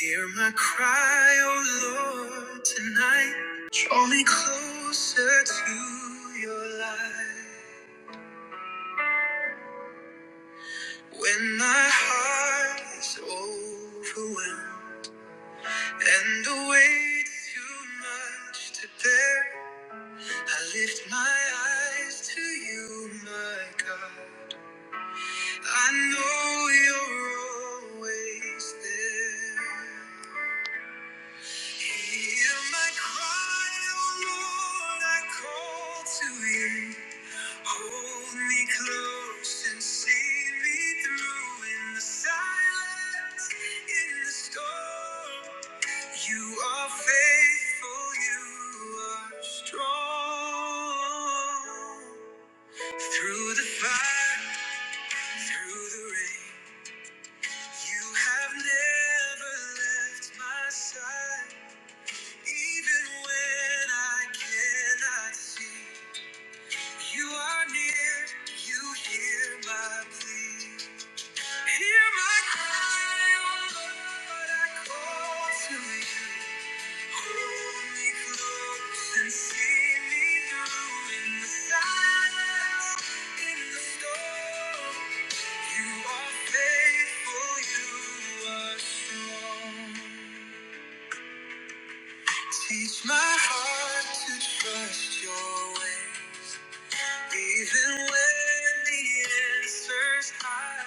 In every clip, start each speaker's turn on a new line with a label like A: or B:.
A: Hear my cry, oh Lord, tonight. Draw me closer to your light. When my heart is overwhelmed and the weight is too much to bear, I lift my eyes to you, my God. I know you're always there. Hear my cry, O Lord, I call to you. Hold me close and see me through in the silence, in the storm. You are faithful, you are strong. Through the fire, through the rain, you have never left my side. Even when I cannot see, you are near, you hear my plea. Hear my cry, oh Lord, I call to you. Hold me close and see me through in the silence, in the storm. You are faithful, you are strong. Teach my heart to trust your ways. Even when the answer's high,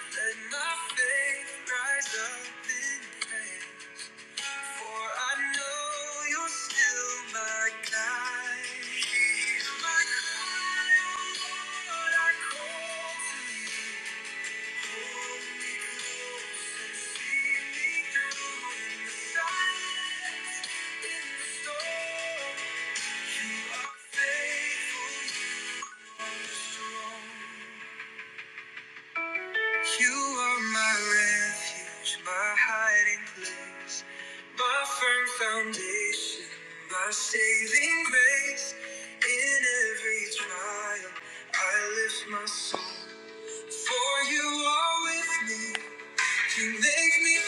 A: let my faith rise up in pain. For I know you're still my guide. Hear my cry, O Lord, I call to you. You are my refuge, my hiding place, my firm foundation, my saving grace. In every trial, I lift my soul, for you are with me. You make me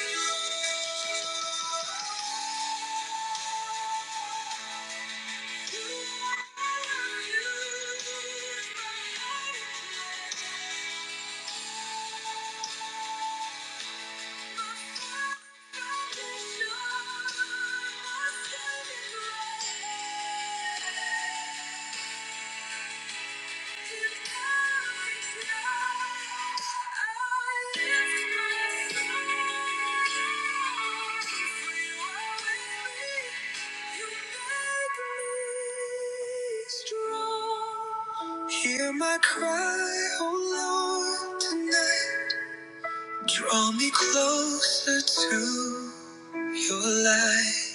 A: Hear my cry, oh Lord, tonight. Draw me closer to your light.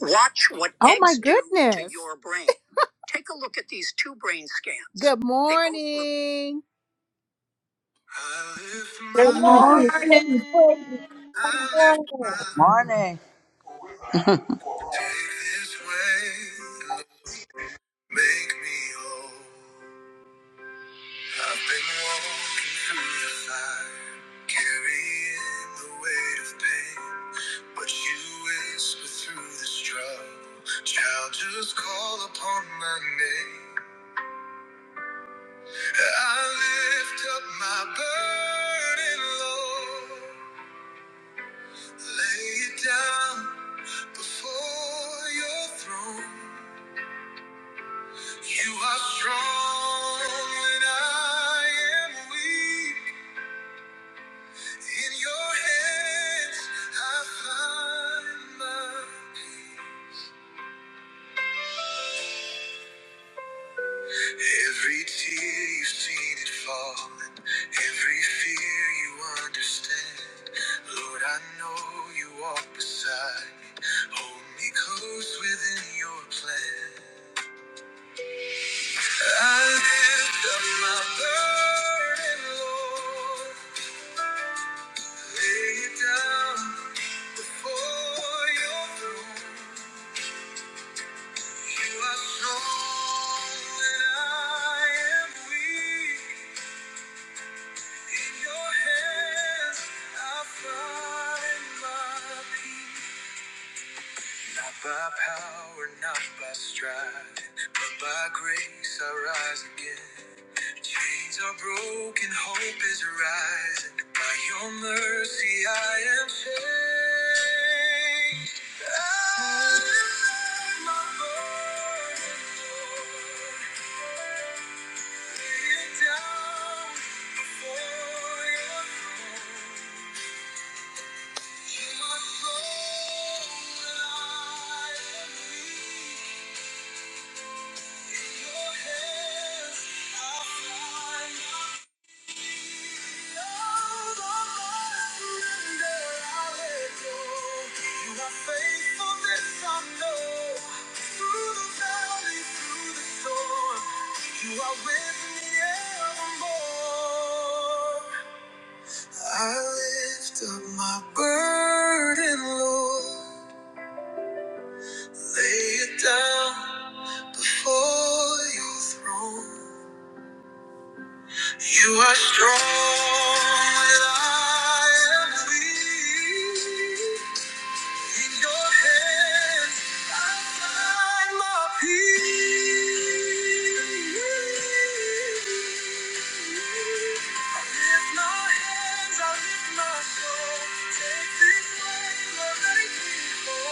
A: Watch what oh eggs my do to goodness. your brain. Take a look at these two brain scans. Good They both morning. I lift
B: Good
A: my,
C: Glory,
B: morning.
C: glory, praise
A: I
C: to our
A: lift my,
C: God.
D: Morning.
A: take this way, Lord, make me whole. I've been walking through the fire, carrying the weight of pain, but you whisper through the struggle, child, just call upon my name. I lift up my burden, Lord, lay it down. Before your throne, you are strong and I am weak. In your hands, I find my every tear you've seen it fall, and every fear you understand. Lord, I know you walk beside me, hold me close within your plan. I lift up my burden, Lord. Lay it down for your throne. You are strong and I am weak. In your hands I find my peace. Not by power, not by strife, but by grace I rise again. Chains are broken, hope is rising. By your mercy I am changed. I lift my voice, lay it down before your throne. You are strong when I am weak. You are with me evermore. I lift up my burden, Lord. Lay it down before your throne. You are strong and I am weak. In your hands I find my peace. I lift my hands, I lift my soul. Take this praise and make me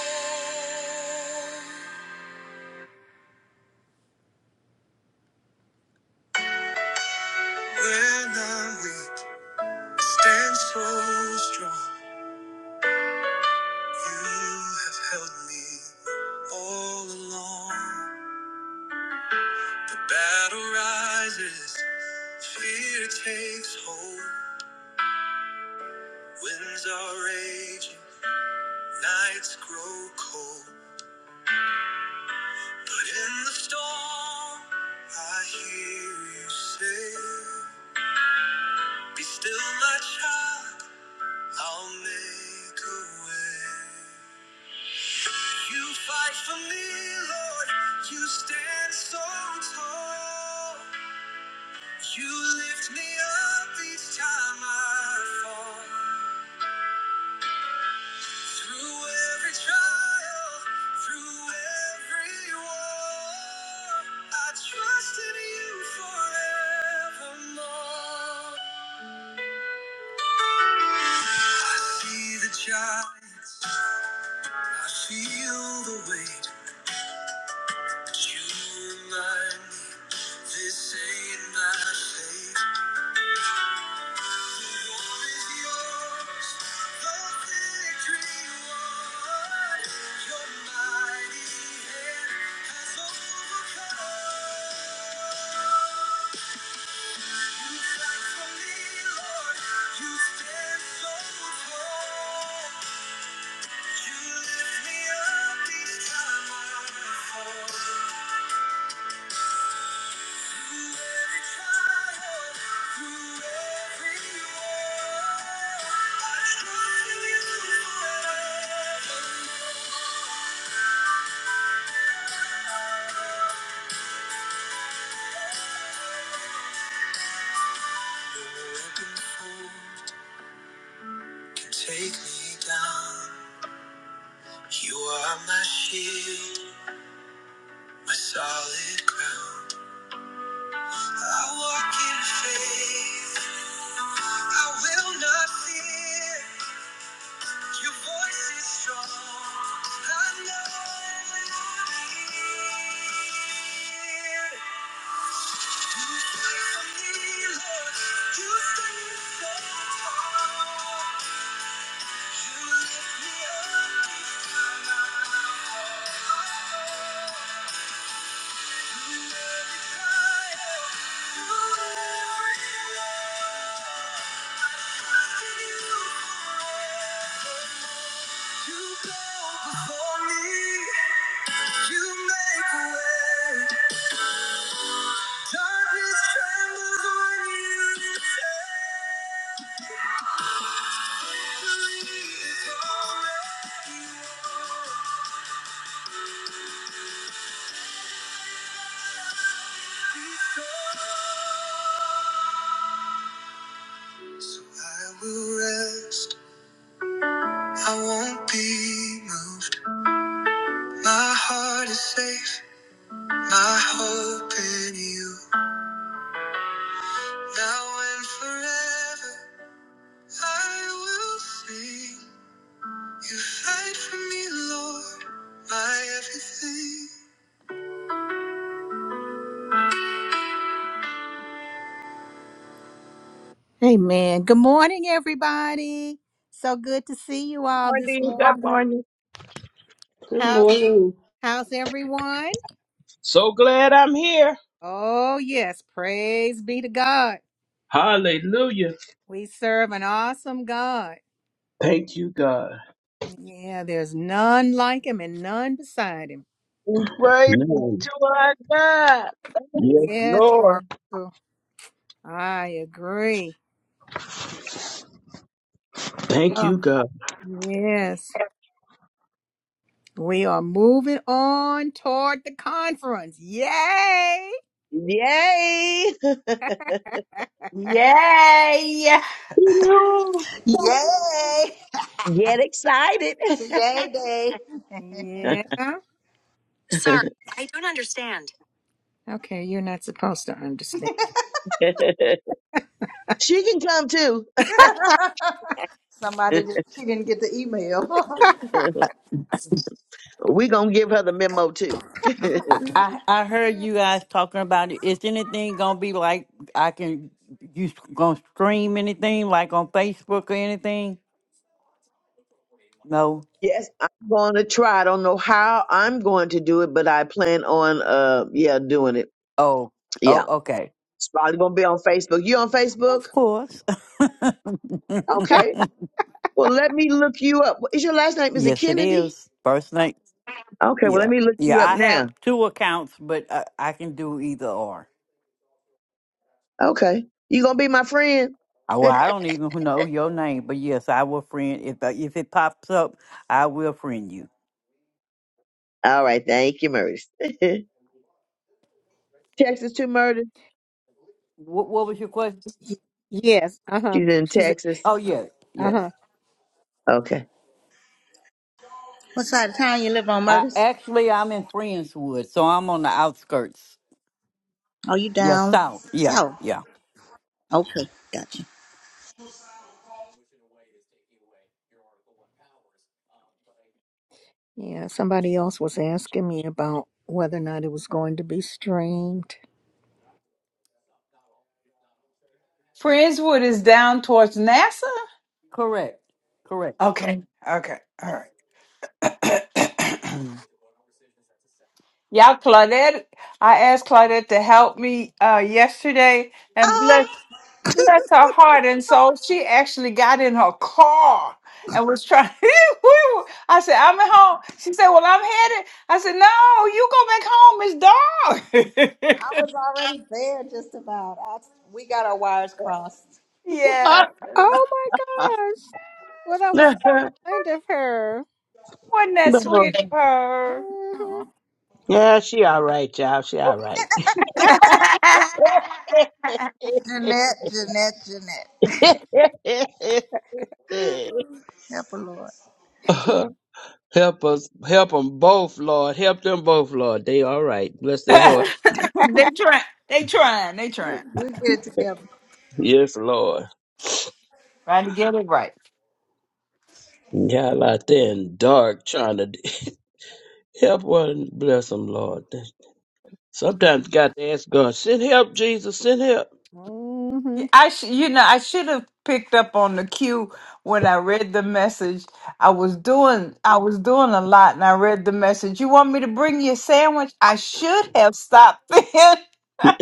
A: whole. When I'm weak, stand so strong. You have held me all along. The battle rises, fear takes hold. Winds are raging, nights grow cold. But in the storm, I hear you say, Be still, my child, I'll make a way. You fight for me, Lord, you stand so tall. You lift me up each time I fall. Through every trial, through every war, I trust in you forevermore. I see the giants, I feel the weight, but you remind me this ain't my fate. You lift me up each time I fall. Take me down. You are my shield, my solid ground. I walk in faith. I will not fear. Your voice is strong. I know it will be. Darkness trembles when you lift me it's already won. So I will rest. I won't be moved. My heart is safe. My hope in you. Now and forever, I will sing. You fight for me, Lord, my everything. Amen. Good morning, everybody. So good to see you all this
E: morning. Good
A: morning.
E: morning.
F: Good
A: How's,
F: morning.
A: how's everyone?
E: So glad I'm here.
A: Oh, yes. Praise be to God.
E: Hallelujah.
A: We serve an awesome God.
E: Thank you, God.
A: Yeah, there's none like him and none beside him.
C: We praise it
E: No.
C: to our God.
E: Yes,
A: Yes,
E: Lord.
A: Barbara. I agree.
E: Thank
A: Oh,
E: you, God.
A: yes. We are moving on toward the conference. Yay!
G: Yay!
B: Yay.
E: No.
D: Yay!
G: Get excited.
D: It's a yay day.
A: Yeah. Sorry, I don't understand. Okay, you're not supposed to understand.
G: she can come too.
D: Somebody did, she didn't get the email.
G: we gonna give her the memo too.
H: I I heard you guys talking about it. Is anything gonna be like I can you gonna stream anything like on Facebook or anything? No.
G: yes, I'm gonna try. I don't know how I'm going to do it, but I plan on uh yeah, doing it.
H: Oh. Oh.
G: Yeah.
H: Okay.
G: It's probably gonna be on Facebook. You on Facebook?
H: Of course.
G: Okay. Well let me look you up. Is your last name is it
H: yes, it
G: Kennedy?
H: is. First name.
G: Okay, well let
H: Yeah.
G: me look you
H: Yeah.
G: up
H: I have
G: now.
H: two accounts, but I, I can do either or.
G: Okay. You gonna be my friend?
H: I, well, I don't even know your name, but yes, I will friend if I- if it pops up. I will friend you.
G: All right, thank you, Murders. Texas to Murders.
H: What What was your question?
A: Y- Yes, uh huh.
G: She's in
A: She's, uh
G: Texas.
H: Oh yeah. Yes.
A: huh.
G: Okay.
D: What side of town you live on,
H: I,
D: Murders?
H: actually, I'm in Friendswood, so I'm on the outskirts.
D: Oh, you
H: Yeah,
D: down
H: south. Yeah,
D: south?
H: yeah.
D: Okay, gotcha.
A: Yeah, somebody else was asking me about whether or not it was going to be streamed.
B: Friendswood is down towards NASA.
H: Correct. Correct.
B: Okay. Okay. All right. you all right. Y'all, Claudette. I asked Claudette to help me uh, yesterday and
D: oh,
B: bless, bless her heart. And soul, she actually got in her car and was trying. we were- I said, I'm at home. She said, Well, I'm headed. I said, No, you go back home. It's dark.
D: I was already there just about. I, we got our wires crossed.
B: yeah.
E: Ah,
A: Oh my gosh. Well, that was so kind of her.
B: Wasn't that sweet
E: no.
B: of her?
A: hmm
D: Oh,
E: Yeah, she all right, y'all. She all right.
D: Jeanette, Jeanette, Jeanette. Help her, Lord.
E: Uh, help us, help them both, Lord. Help them both, Lord. They all right. Bless their heart.
B: they try. They trying. They
D: We'll,
B: trying.
D: we'll get it together.
E: Yes, Lord.
B: Trying to get it right.
E: Y'all out there in dark trying to help one. Bless them, Lord. Sometimes you got to ask God, send help, Jesus, send help.
B: Yeah,
A: hmm
B: I sh- you know I should have picked up on the cue when I read the message. I was doing I was doing a lot, and I read the message. You want me to bring you a sandwich? I should have stopped then.
E: Y'all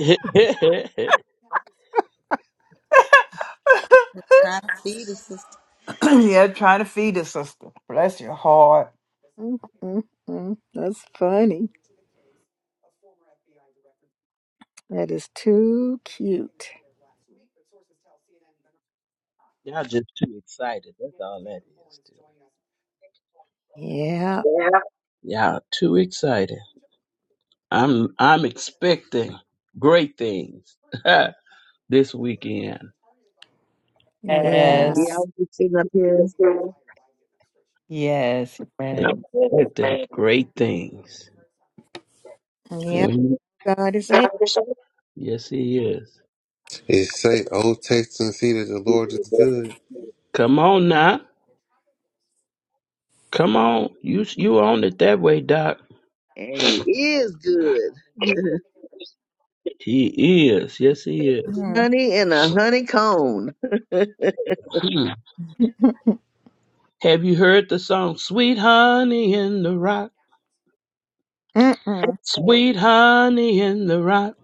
D: Trying to feed the sister.
B: yeah, trying to feed a sister. Bless your heart.
A: mm hmm That's funny. That is too cute.
E: just too excited. That's all that is, too.
A: Yeah.
E: Yeah. Y'all too excited. I'm I'm expecting great things this weekend.
A: Yeah.
G: Yeah, I
B: Yes.
G: was just sitting up here.
E: Yes, ma'am.
B: Yes. man.
G: um,
E: Expecting great things.
A: yeah.
E: Mhm.
A: God is a.
E: so Yes, he is.
I: It say, "Oh, taste and see that the Lord is good."
E: Come on now. Come on. You you own it that way, Doc.
G: And it is good.
E: He is. Yes, he is.
A: Mm-mm.
G: honey in a honey cone. Either.
E: Hmm. Have you heard the song Sweet Honey in the Rock? Sweet Honey in the Rock.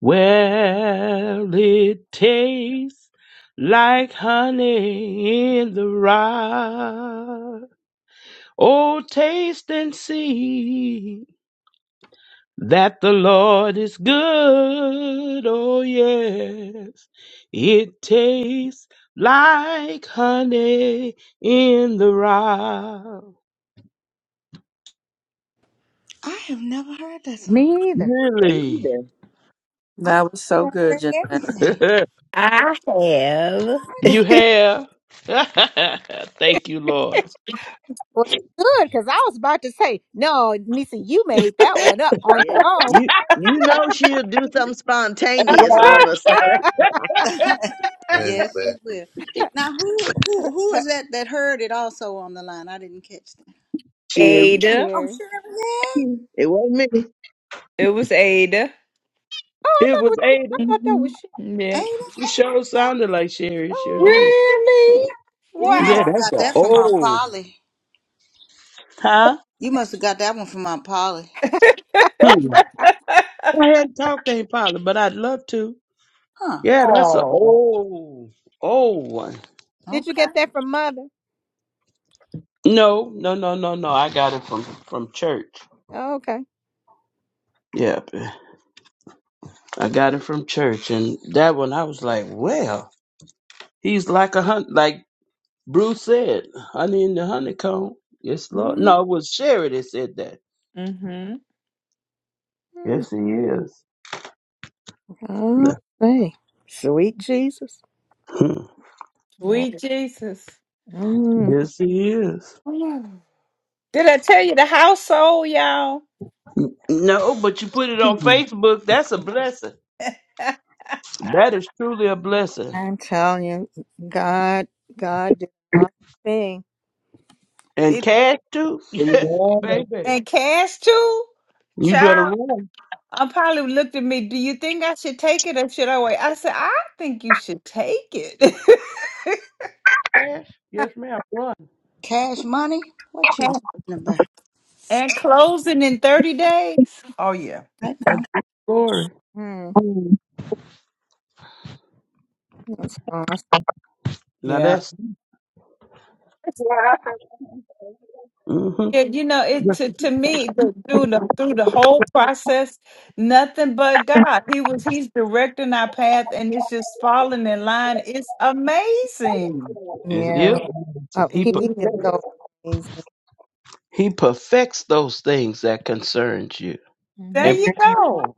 E: Well, it tastes like honey in the rock. Oh, taste and see that the Lord is good. Oh, yes, it tastes like honey in the rock.
D: I have never heard that song.
A: Me either.
E: Really?
D: I thought
J: That was
D: I
J: so good,
D: heard
J: Jeanette.
D: everything.
B: I have
E: You have. Thank you, Lord.
A: Well, good, because I was about to say, no, Nisa, you made that one up on your
G: Yeah.
A: own,
G: You you know she'll do something
C: And
G: spontaneous
C: wow.
G: on us.
I: And
D: Yes, he
I: man,
D: will. Now, who who who is that that heard it also on the line? I didn't catch that.
E: Sherry.
B: Ada.
D: Oh,
A: Sherry.
D: Chevrolet,
G: it wasn't me.
B: It was Ada.
A: Oh, I
E: It
A: thought it
E: was
A: was shit. I
E: Ada.
A: thought that
B: hmm
A: was shit.
B: Yeah.
D: Ada,
E: She sure sounded like Sherry. It Sure
A: Oh,
E: did.
A: shit.
B: Really?
A: Yeah.
D: you must
E: Yeah,
D: have
E: that's
D: got
E: a
D: that
B: Wow.
D: from Aunt
E: old.
D: Polly.
E: Huh?
D: You must have got that one from Aunt Polly,
E: Hmm. I hadn't talked to Aunt Polly, but I'd love to.
D: huh?
E: Yeah, that's a
B: oh.
E: old, old one.
A: Did you get
D: Okay.
A: that from mother?
E: No, no, no, no, no. I got it from from church.
A: Oh, okay.
E: Yep, I got it from church, and that one I was like, well, he's like a hunt, like Bruce said, honey in the honeycomb. Yes, Lord. No,
A: Mm-hmm.
E: it was Sherry that said that.
B: hmm
E: Yes, he is.
A: Oh, hey. Sweet Jesus.
E: Hmm.
B: Sweet Jesus.
A: Mm.
E: Yes, he is.
B: Mm. Did I tell you the household, y'all?
E: No, but you put it on
G: I
E: Facebook. That's a blessing. That is truly a blessing.
A: I'm telling you, God, God did not thing.
E: And
B: it,
E: cash too,
C: Amen.
E: baby.
B: and cash too?
E: You better
B: Child.
E: run.
B: I probably looked at me. Do you think I should take it or should I wait? I said, I think you should take it.
E: Cash? Yes, ma'am. Run.
D: Cash money? What you talking about
B: and closing in 30 days. Oh, yeah.
D: right now?
E: Glory.
A: Mm,
E: Mm.
A: that's awesome.
E: Now
B: Yeah.
E: that's hmm
B: Yeah, you know, it to, to me the, through the through the whole process, nothing but God. He was he's directing our path and it's just falling in line. It's amazing.
E: Yes, it
A: Yeah.
E: is.
A: Oh,
E: He
B: It
A: he
E: put.
A: is
B: is.
A: so amazing.
E: He perfects those things that concerns you.
A: hmm
B: There
E: And
B: you go.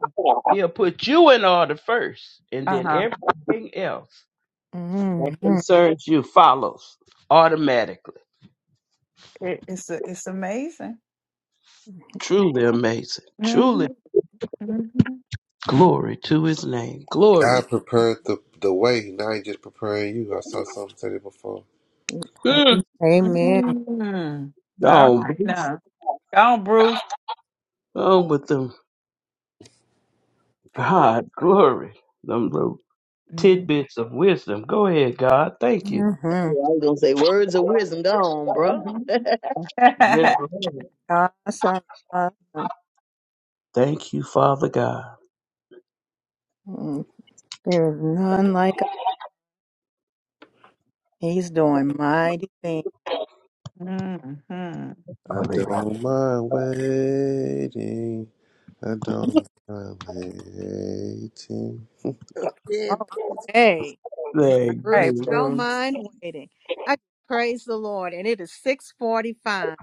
E: he'll put you in order first and then
B: Uh-huh.
E: everything else.
A: hmm
E: concerns you follows automatically.
B: It, it's a, it's amazing.
E: Truly amazing.
B: hmm
E: Truly
B: hmm
E: glory to his name. Glory.
I: God prepared the the way. Now He just preparing you. I saw something said it before.
E: Mm.
A: Amen.
B: All
E: On,
B: right
E: Bruce.
B: now. Go on, Bruce.
E: on with them God, glory. Them little
B: Mhm.
E: tidbits of wisdom. Go ahead, God. Thank you.
A: hmm
G: was gonna say words of wisdom gone, bro.
E: Mhm. Yes, Lord.
A: Awesome. Awesome.
E: Thank you, Father God.
A: Mm, There is none like him. He's doing mighty things.
B: mm-hmm. All
I: I
E: Hallelujah.
I: don't mind waiting. I don't mind waiting.
D: Yeah.
A: Okay.
E: Thank
A: Bruce,
B: right,
A: you don't
B: Bruce.
A: mind waiting. I praise the Lord. And it is 645.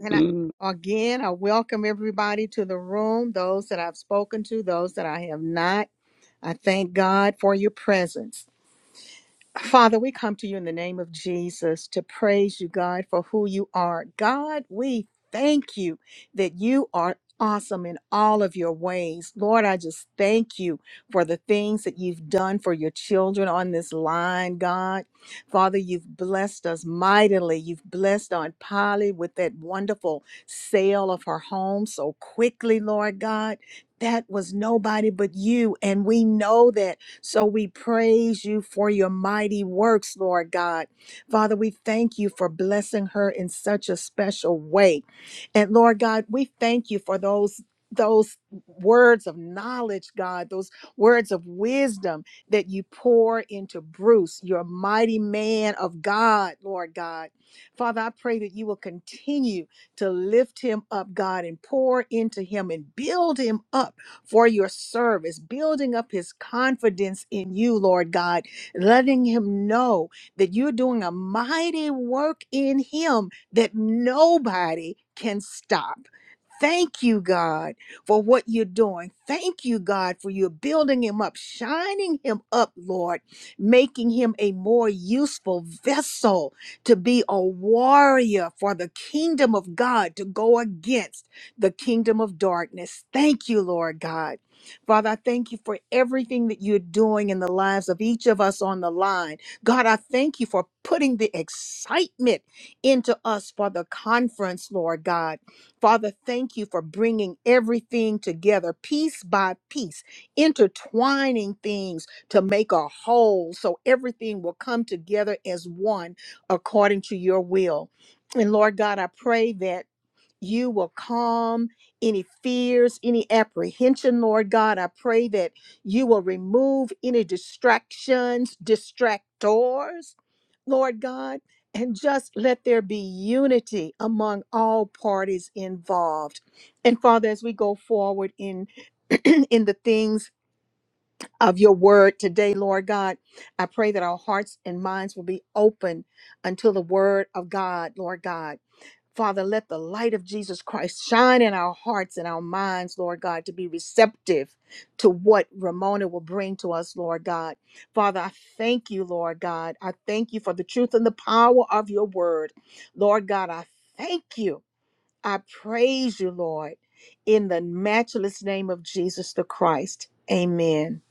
A: And I, again, I welcome everybody to the room, those that I've spoken to, those that I have not. I thank God for your presence. Father, we come to you in the name of Jesus to praise you, God, for who you are. God, we thank you that you are awesome in all of your ways. Lord, I just thank you for the things that you've done for your children on this line, God. Father, you've blessed us mightily. You've blessed Aunt Polly with that wonderful sale of her home so quickly, Lord God. That was nobody but you. And we know that so we praise you for your mighty works, Lord God. Father, we thank you for blessing her in such a special way. And Lord God, we thank you for those those words of knowledge, God, those words of wisdom that you pour into Bruce, your mighty man of God, Lord God. Father, I pray that you will continue to lift him up, God, and pour into him and build him up for your service, building up his confidence in you, Lord God, letting him know that you're doing a mighty work in him that nobody can stop. Thank you, God, for what you're doing. Thank you, God, for you building him up, shining him up, Lord, making him a more useful vessel to be a warrior for the kingdom of God to go against the kingdom of darkness. Thank you, Lord God. Father, I thank you for everything that you're doing in the lives of each of us on the line. God, I thank you for putting the excitement into us for the conference, Lord God. Father, thank you for bringing everything together piece by piece, intertwining things to make a whole so everything will come together as one according to your will. And Lord God, I pray that you will calm any fears, any apprehension, Lord God. I pray that you will remove any distractions, distractors, Lord God, and just let there be unity among all parties involved. And Father, as we go forward in in the things of your word today, Lord God, I pray that our hearts and minds will be open until the word of God, Lord God. Father, let the light of Jesus Christ shine in our hearts and our minds, Lord God, to be receptive to what Ramona will bring to us, Lord God. Father, I thank you, Lord God. I thank you for the truth and the power of your word. Lord God, I thank you. I praise you, Lord, in the matchless name of Jesus the Christ. Amen.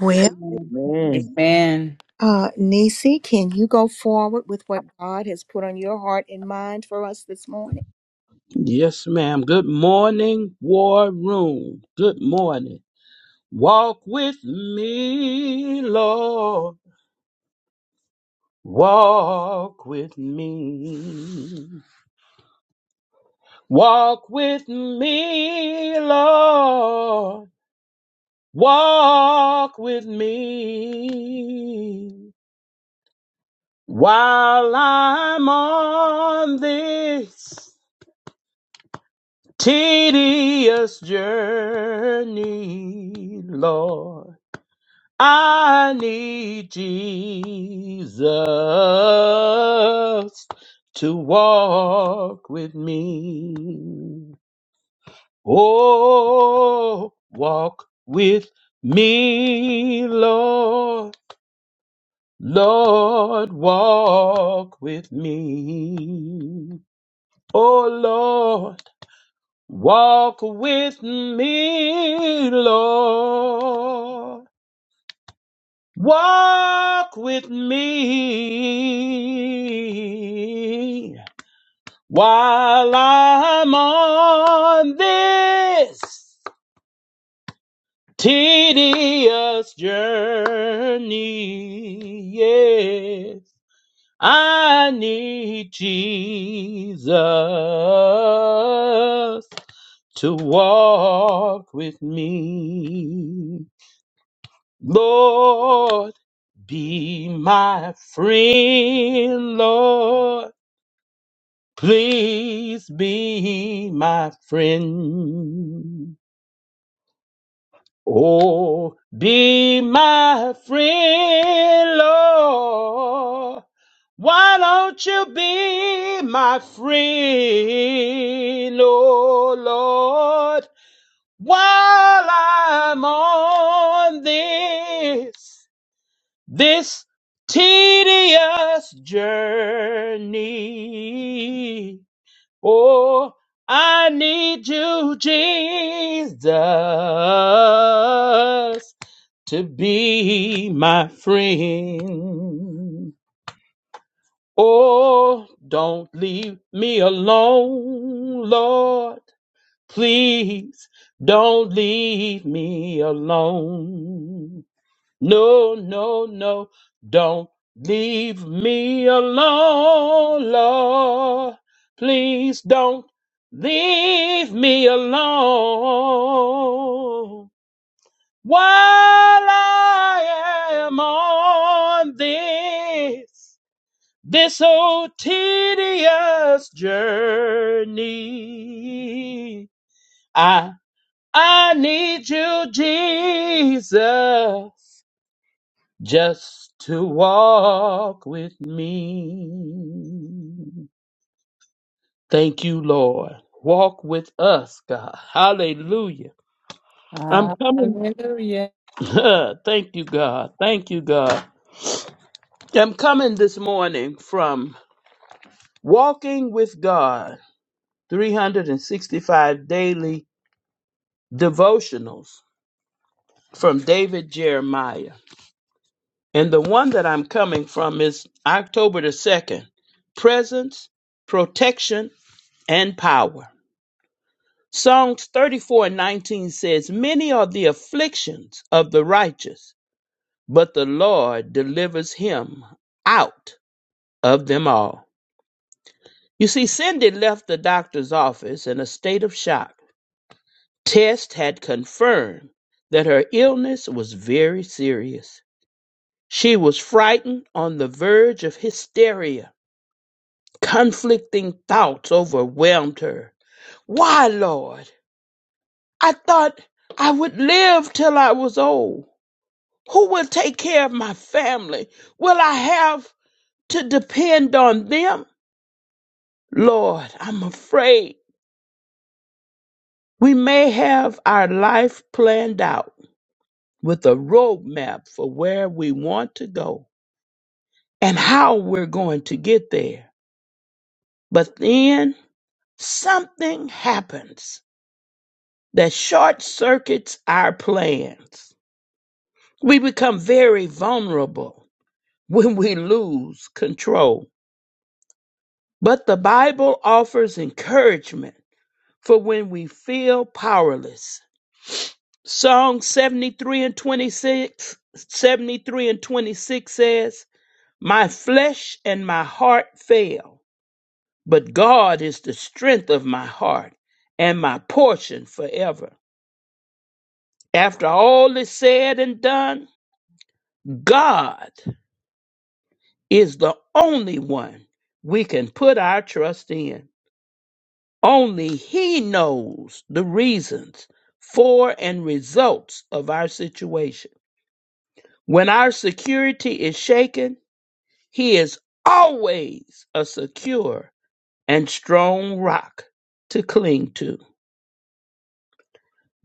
A: Well,
K: Amen.
G: Man.
B: Amen.
A: uh, Nisi, can you go forward with what God has put on your heart and mind for us this morning?
E: yes, ma'am. Good morning, War Room. Good morning. Walk with me, Lord. Walk with me. Walk with me, Lord. Walk with me. While I'm on this tedious journey, Lord. I need Jesus to walk with me. Oh, walk with me, Lord. Lord, walk with me. Oh, Lord, walk with me, Lord. Walk with me while I'm on this tedious journey. Yes, I need Jesus to walk with me. Lord, be my friend, Lord. Please be my friend. Oh, be my friend, Lord. Why don't you be my friend, oh Lord, while I'm on this? this tedious journey. Oh, I need you, Jesus, to be my friend. Oh, don't leave me alone, Lord. Please don't leave me alone. No, no, no, don't leave me alone, Lord. Please don't leave me alone while I am on this, this old tedious journey. I, I need you, Jesus just to walk with me. Thank you, Lord. Walk with us, God. Hallelujah. I'm coming.
B: Hallelujah.
E: Thank you, God. Thank you, God. I'm coming this morning from Walking with God 365 Daily Devotionals from David Jeremiah. And the one that I'm coming from is October the 2nd Presence, Protection, and Power. Psalms 34 and 19 says, Many are the afflictions of the righteous, but the Lord delivers him out of them all. You see, Cindy left the doctor's office in a state of shock. Tests had confirmed that her illness was very serious. She was frightened on the verge of hysteria. Conflicting thoughts overwhelmed her. Why, Lord? I thought I would live till I was old. Who will take care of my family? Will I have to depend on them? Lord, I'm afraid we may have our life planned out with a roadmap for where we want to go and how we're going to get there. But then something happens that short circuits our plans. We become very vulnerable when we lose control. But the Bible offers encouragement for when we feel powerless. Psalm 73 and 26, 73 and 26 says, My flesh and my heart fail, but God is the strength of my heart and my portion forever. After all is said and done, God is the only one we can put our trust in. Only He knows the reasons for and results of our situation. When our security is shaken, he is always a secure and strong rock to cling to.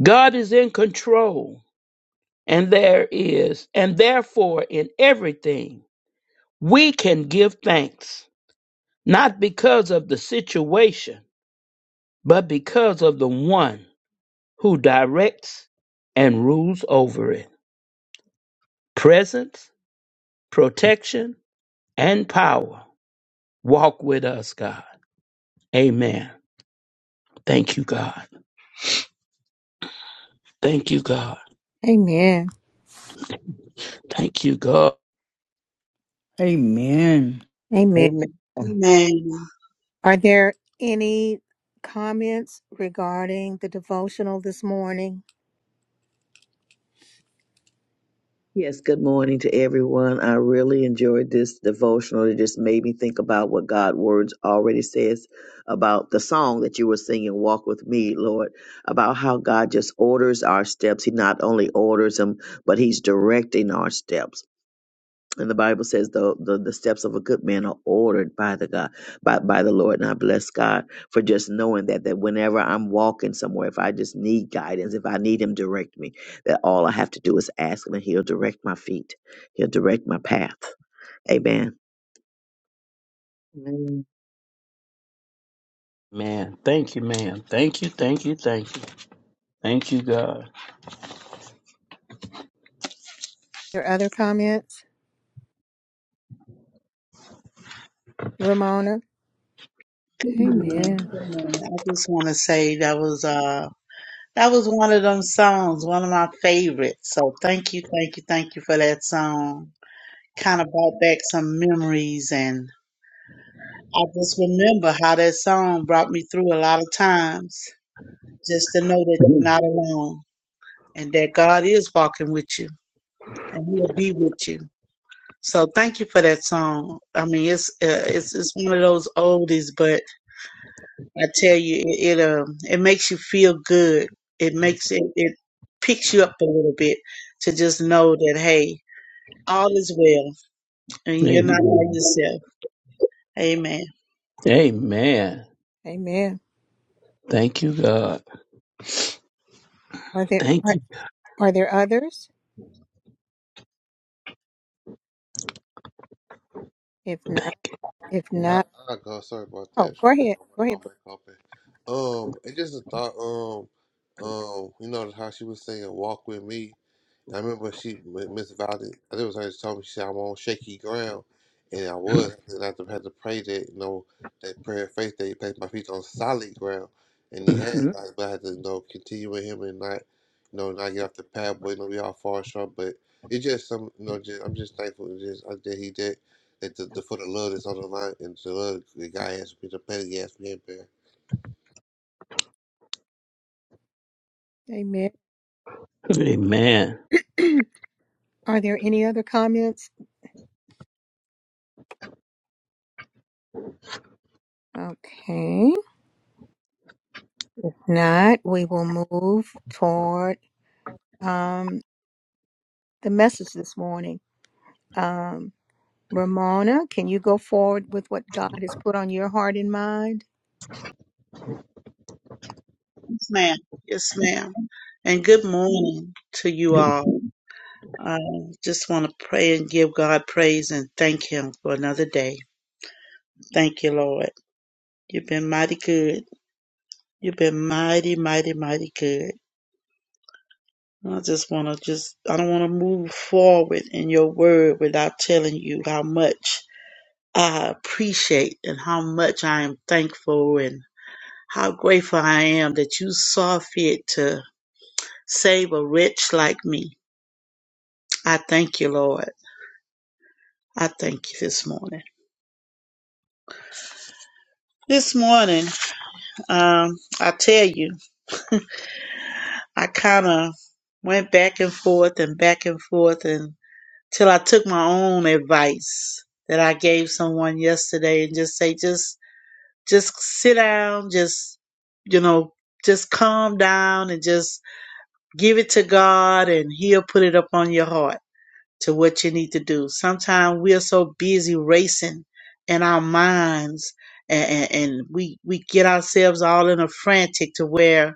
E: God is in control, and there is, and therefore in everything, we can give thanks, not because of the situation, but because of the one who directs and rules over it. Presence, protection, and power walk with us, God. Amen. Thank you, God. Thank you, God.
A: Amen.
E: Thank you, God.
B: Amen.
A: Amen.
C: Amen.
K: Amen.
A: Are there any comments regarding the devotional this morning?
G: Yes, good morning to everyone. I really enjoyed this devotional. It just made me think about what God's words already says about the song that you were singing, Walk With Me, Lord, about how God just orders our steps. He not only orders them, but He's directing our steps. And the Bible says the, the the steps of a good man are ordered by the God, by by the Lord. And I bless God for just knowing that that whenever I'm walking somewhere, if I just need guidance, if I need him direct me, that all I have to do is ask him and he'll direct my feet. He'll direct my path. Amen. Amen.
E: Man, thank you, man. Thank you, thank you, thank you. Thank you, God.
A: There other comments, Ramona?
K: Amen.
A: Amen.
K: Amen. I just want to say that was uh that was one of them songs, one of my favorites. So thank you, thank you, thank you for that song. Kind of brought back some memories, and I just remember how that song brought me through a lot of times. Just to know that you're not alone, and that God is walking with you, and He'll be with you. So thank you for that song. I mean, it's uh, it's it's one of those oldies, but I tell you, it, it um it makes you feel good. It makes it it picks you up a little bit to just know that hey, all is well and
E: Mhm.
K: you're not by yourself. Amen.
E: Amen. Amen.
A: Amen.
E: Thank you, God.
A: Are there
E: Thank
A: are,
E: you.
A: are there others? If
E: Thank
A: not, if
I: I
A: not,
I: I go. Sorry about
A: oh,
I: that. Trying
A: go
I: to get
A: ahead. Go
I: my,
A: ahead.
I: my
A: Bruce.
I: mic open. Um, it just a thought. Um, um, you know how she was saying, "Walk with me." I remember she, when Miss Valley, I think it was her, that told me, she said, I'm on shaky ground. And I was. And I had to pray that, you know, that prayer of faith that he placed my feet on solid ground. And he had,
E: Mhm.
I: like, but I had to, you know, continue with him and not, you know, not get off the path, but, you know, we all fall short. But it's just some, you know, just, I'm just thankful and just, uh, that he did, that the, the, for the love that's on the line and the love the guy has, the petty ass man bear.
A: Amen.
E: Amen.
A: Are there any other comments? Okay. If not, we will move toward um, the message this morning. Um, Ramona, can you go forward with what God has put on your heart and mind?
K: Yes, ma'am. Yes, ma'am. And good morning to you all. I just want to pray and give God praise and thank Him for another day. Thank you, Lord. You've been mighty good. You've been mighty, mighty, mighty good. I just want to just, I don't want to move forward in your word without telling you how much I appreciate and how much I am thankful and how grateful I am that you saw fit to save a wretch like me. I thank you, Lord. I thank you this morning. This morning, um, I tell you, I kind of went back and forth and back and forth and. till I took my own advice that I gave someone yesterday and just say, just, just sit down, just, you know, just calm down and just give it to God and he'll put it up on your heart to what you need to do. Sometimes we are so busy racing in our minds and, and, and we, we get ourselves all in a frantic to where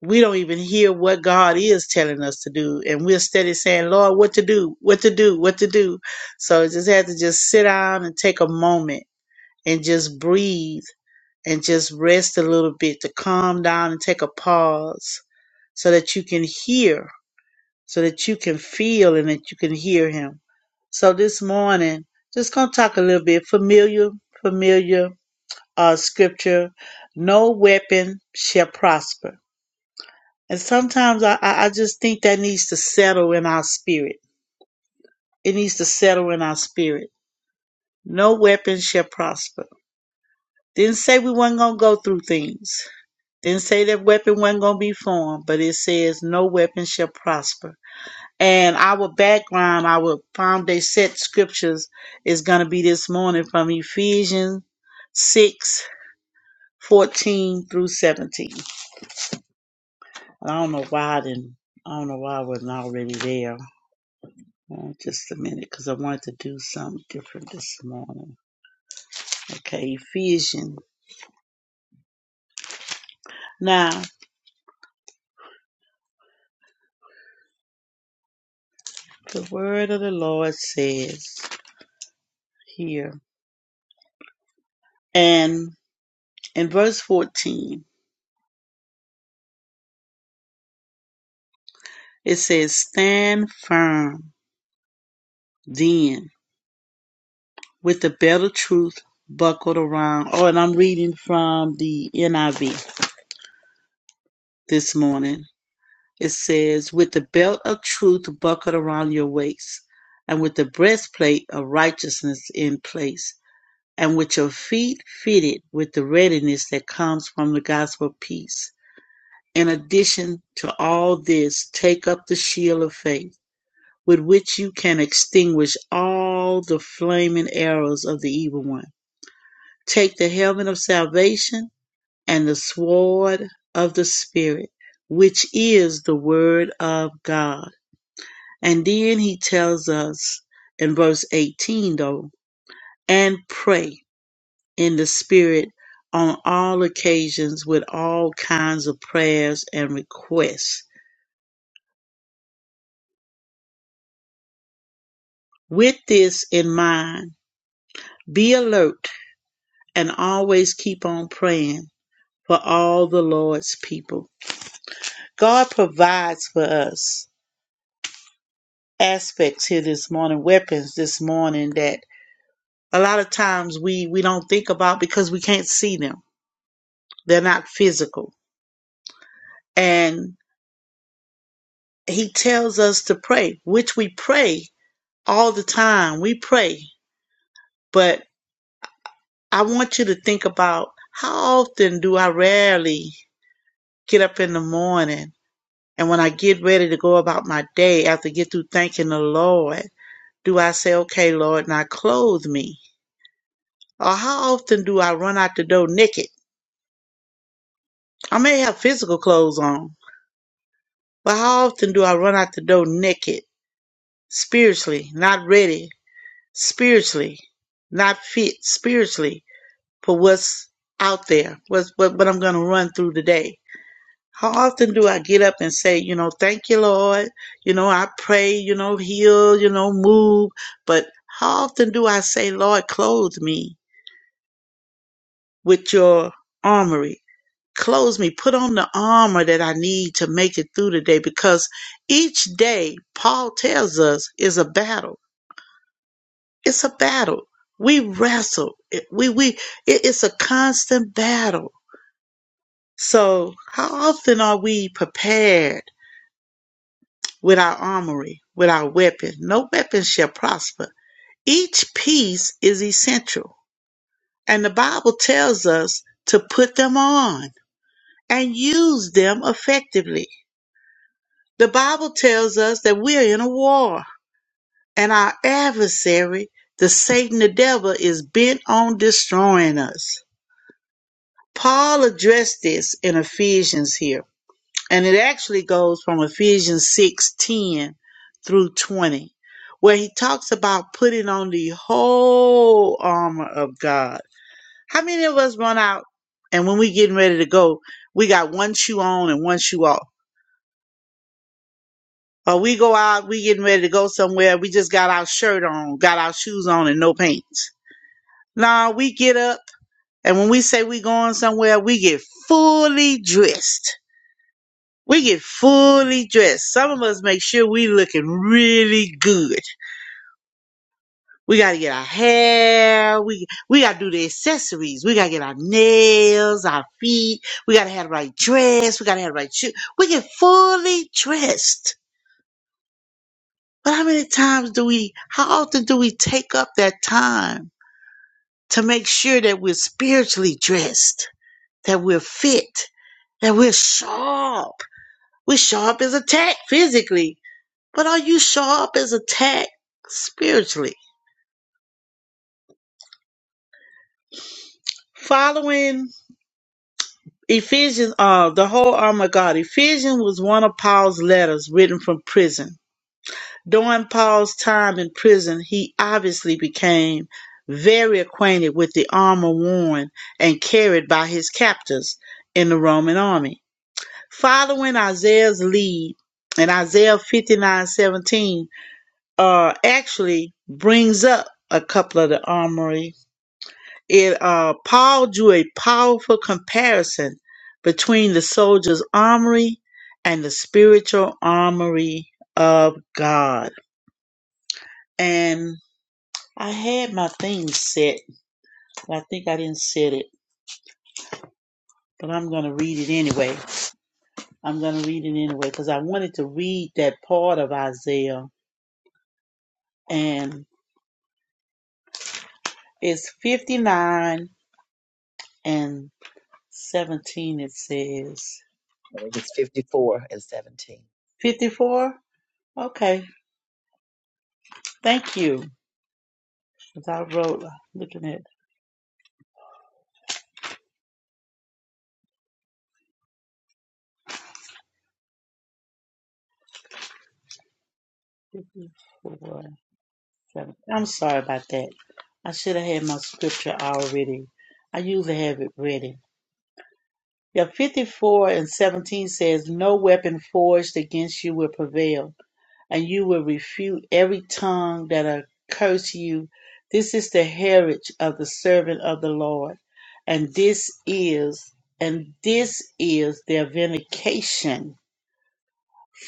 K: we don't even hear what God is telling us to do. And we're steady saying, Lord, what to do, what to do, what to do. So it just had to just sit down and take a moment and just breathe and just rest a little bit to calm down and take a pause so that you can hear, so that you can feel and that you can hear him. So this morning, just gonna talk a little bit familiar, familiar uh scripture. No weapon shall prosper and sometimes I, I I just think that needs to settle in our spirit. It needs to settle in our spirit. No weapon shall prosper. Didn't say we weren't going to go through things. Didn't say that weapon wasn't going to be formed, but it says no weapon shall prosper. And our background, our foundation set scriptures is going to be this morning from Ephesians 6 14 through 17. And I don't know why I didn't, I don't know why I wasn't already there. Uh, just a minute, because I wanted to do something different this morning. Okay, Ephesians. Now, the word of the Lord says here, and in verse 14, it says, Stand firm then with the belt of truth buckled around. Oh, and I'm reading from the NIV this morning. It says, With the belt of truth buckled around your waist, and with the breastplate of righteousness in place and with your feet fitted with the readiness that comes from the gospel of peace. In addition to all this, take up the shield of faith, with which you can extinguish all the flaming arrows of the evil one. Take the helmet of salvation and the sword of the Spirit, which is the word of God. And then he tells us in verse 18, though, and pray in the Spirit on all occasions with all kinds of prayers and requests. With this in mind, be alert and always keep on praying for all the Lord's people. God provides for us aspects here this morning, weapons this morning that a lot of times we, we don't think about because we can't see them. They're not physical. And He tells us to pray, which we pray all the time. We pray but I want you to think about how often do I rarely get up in the morning and when I get ready to go about my day after I get through thanking the Lord, do I say, okay, Lord, now clothe me? Or how often do I run out the door naked? I may have physical clothes on, but how often do I run out the door naked? Spiritually, not ready, spiritually, not fit spiritually for what's out there, what's, what, what I'm going to run through today How often do I get up and say, you know, thank you, Lord? You know, I pray, you know, heal, you know, move. But how often do I say, Lord, clothe me with your armory? Clothe me, put on the armor that I need to make it through the day because each day, Paul tells us, is a battle. It's a battle. We wrestle. It- We, we, it- it's a constant battle. So how often are we prepared? with our armory, with our weapons. No weapon shall prosper. Each piece is essential. And the Bible tells us to put them on and use them effectively. The Bible tells us that we are in a war and our adversary, the Satan, the devil, is bent on destroying us. Paul addressed this in Ephesians here and it actually goes from Ephesians 6:10 through 20 where he talks about putting on the whole armor of God. How many of us run out and when we getting ready to go, we got one shoe on and one shoe off. Or we go out, we getting ready to go somewhere, we just got our shirt on, got our shoes on and no pants. Nah, we get up and when we say we going somewhere, we get fully dressed We get fully dressed. Some of us make sure we looking really good. We gotta get our hair. We we gotta do the accessories. We gotta get our nails, our feet. We gotta have the right dress. We gotta have the right shoe. We get fully dressed. But how many times do we? How often do we take up that time to make sure that we're spiritually dressed, that we're fit, that we're sharp? We're sharp as a tack physically, but are you sharp up as a tack spiritually? Following Ephesians, uh, the whole armor of God. Ephesians was one of Paul's letters written from prison. During Paul's time in prison, he obviously became very acquainted with the armor worn and carried by his captors in the Roman army. Following Isaiah's lead, and Isaiah fifty nine seventeen, uh, actually brings up a couple of the armory It uh, Paul drew a powerful comparison between the soldier's armory and the spiritual armory of God. And I had my thing set, but I think I didn't set it. But I'm going to read it anyway. I'm going to read it anyway because I wanted to read that part of Isaiah. And it's 59 and 17, it says.
G: I think it's 54 and 17.
K: 54? Okay, thank you. Because I wrote, uh, looking at 54, 7. I'm sorry about that. I should have had my scripture already. I usually have it ready. Yeah, 54 and 17 says, No weapon forged against you will prevail, and you will refute every tongue that accuse you. This is the heritage of the servant of the Lord, and this is and this is their vindication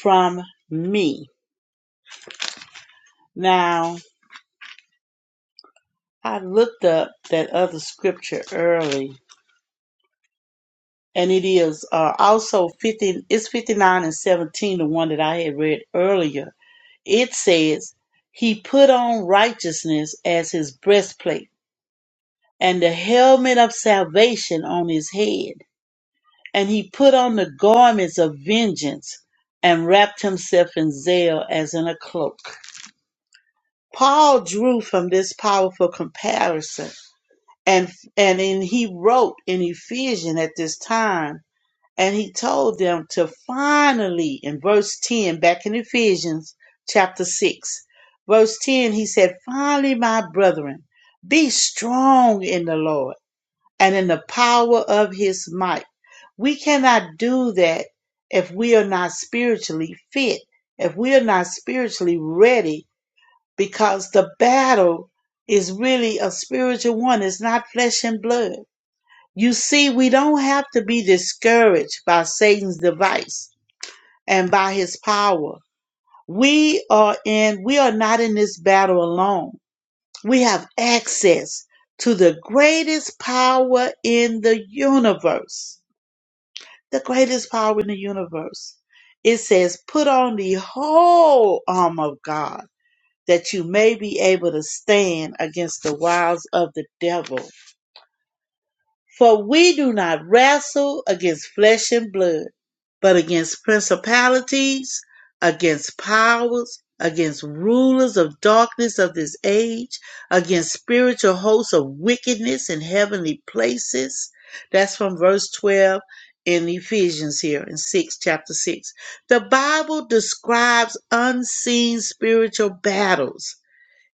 K: from me. Now I looked up that other scripture early, and it is uh, also 50, it's 59 and 17, the one that I had read earlier. It says, He put on righteousness as his breastplate, and the helmet of salvation on his head. And he put on the garments of vengeance and wrapped himself in zeal as in a cloak. Paul drew from this powerful comparison and and in, he wrote in Ephesians at this time, and he told them to finally in verse ten back in Ephesians chapter six, verse ten, he said, "Finally, my brethren, be strong in the Lord and in the power of His might." We cannot do that if we are not spiritually fit, if we are not spiritually ready because the battle is really a spiritual one. It's not flesh and blood. You see, we don't have to be discouraged by Satan's device and by his power. We are in, we are not in this battle alone. We have access to the greatest power in the universe. The greatest power in the universe. It says, put on the whole arm of God that you may be able to stand against the wiles of the devil. For we do not wrestle against flesh and blood, but against principalities, against powers, against rulers of darkness of this age, against spiritual hosts of wickedness in heavenly places. That's from verse 12 in Ephesians here in 6 chapter 6. The Bible describes unseen spiritual battles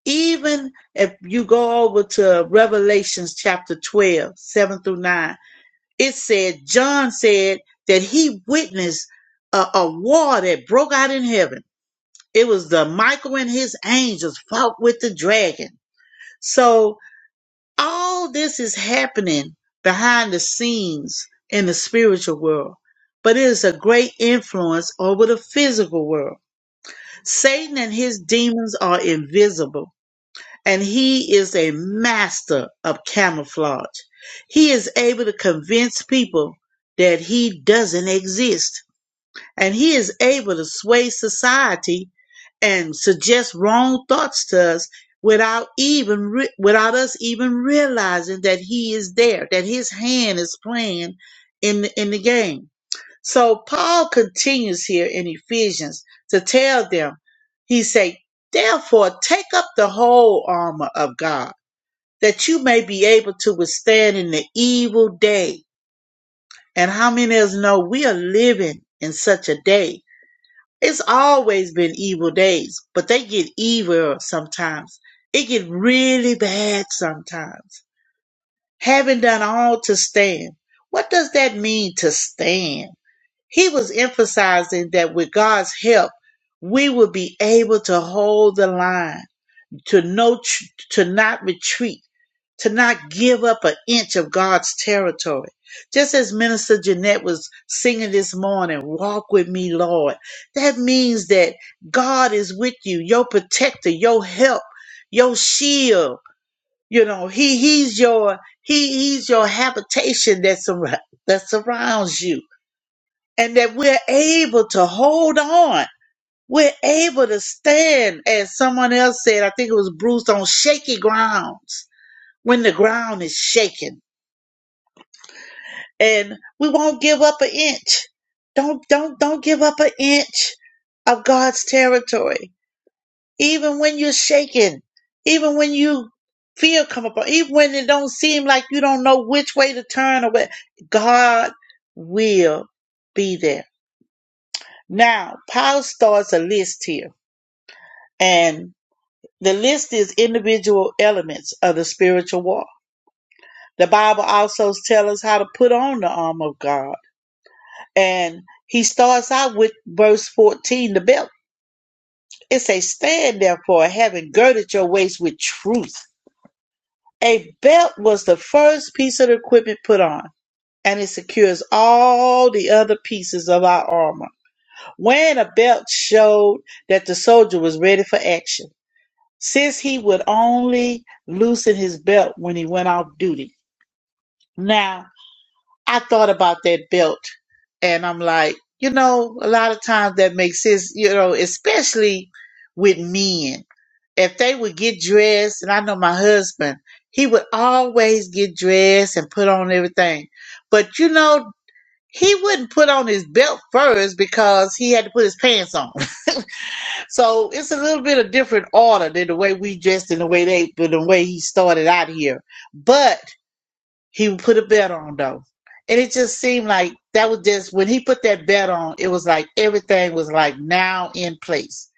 K: even if you go over to Revelations chapter 12 7 through 9, it said, John said that he witnessed a, a war that broke out in heaven. It was the Michael and his angels fought with the dragon. So all this is happening behind the scenes in the spiritual world, but it is a great influence over the physical world. Satan and his demons are invisible and he is a master of camouflage. He is able to convince people that he doesn't exist, and he is able to sway society and suggest wrong thoughts to us without even re- without us even realizing that he is there, that his hand is playing in the, in the game. So Paul continues here in Ephesians to tell them, he say, therefore take up the whole armor of God that you may be able to withstand in the evil day. And how many of us know we are living in such a day? It's always been evil days, but they get evil sometimes. It get really bad sometimes. Having done all to stand. What does that mean to stand? He was emphasizing that with God's help, we will be able to hold the line, to no, tr- to not retreat, to not give up an inch of God's territory. Just as Minister Jeanette was singing this morning, "Walk with me, Lord." That means that God is with you, your protector, your help, your shield. You know, He He's your He He's your habitation that sur- that surrounds you and that we're able to hold on. We're able to stand, as someone else said, I think it was Bruce, on shaky grounds when the ground is shaking. And we won't give up an inch. Don't, don't, don't give up an inch of God's territory. Even when you're shaken, even when you fear come upon, even when it don't seem like you don't know which way to turn or where, God will be there. Now, Paul starts a list here And the list is individual elements of the spiritual walk. The Bible also tells us how to put on the armor of God. And he starts out with verse 14, the belt. It says, Stand therefore, having girded your waist with truth. A belt was the first piece of equipment put on, and it secures all the other pieces of our armor. Wearing a belt showed that the soldier was ready for action. since he would only loosen his belt when he went off duty. Now, I thought about that belt and I'm like, you know, a lot of times that makes sense, you know, especially with men. If they would get dressed, and I know my husband, he would always get dressed and put on everything. But you know, he wouldn't put on his belt first because he had to put his pants on. So it's a little bit of different order than the way we dressed and the way they, than the way he started out here. But he put a bet on though, and it just seemed like that was just when he put that bet on. It was like everything was like now in place.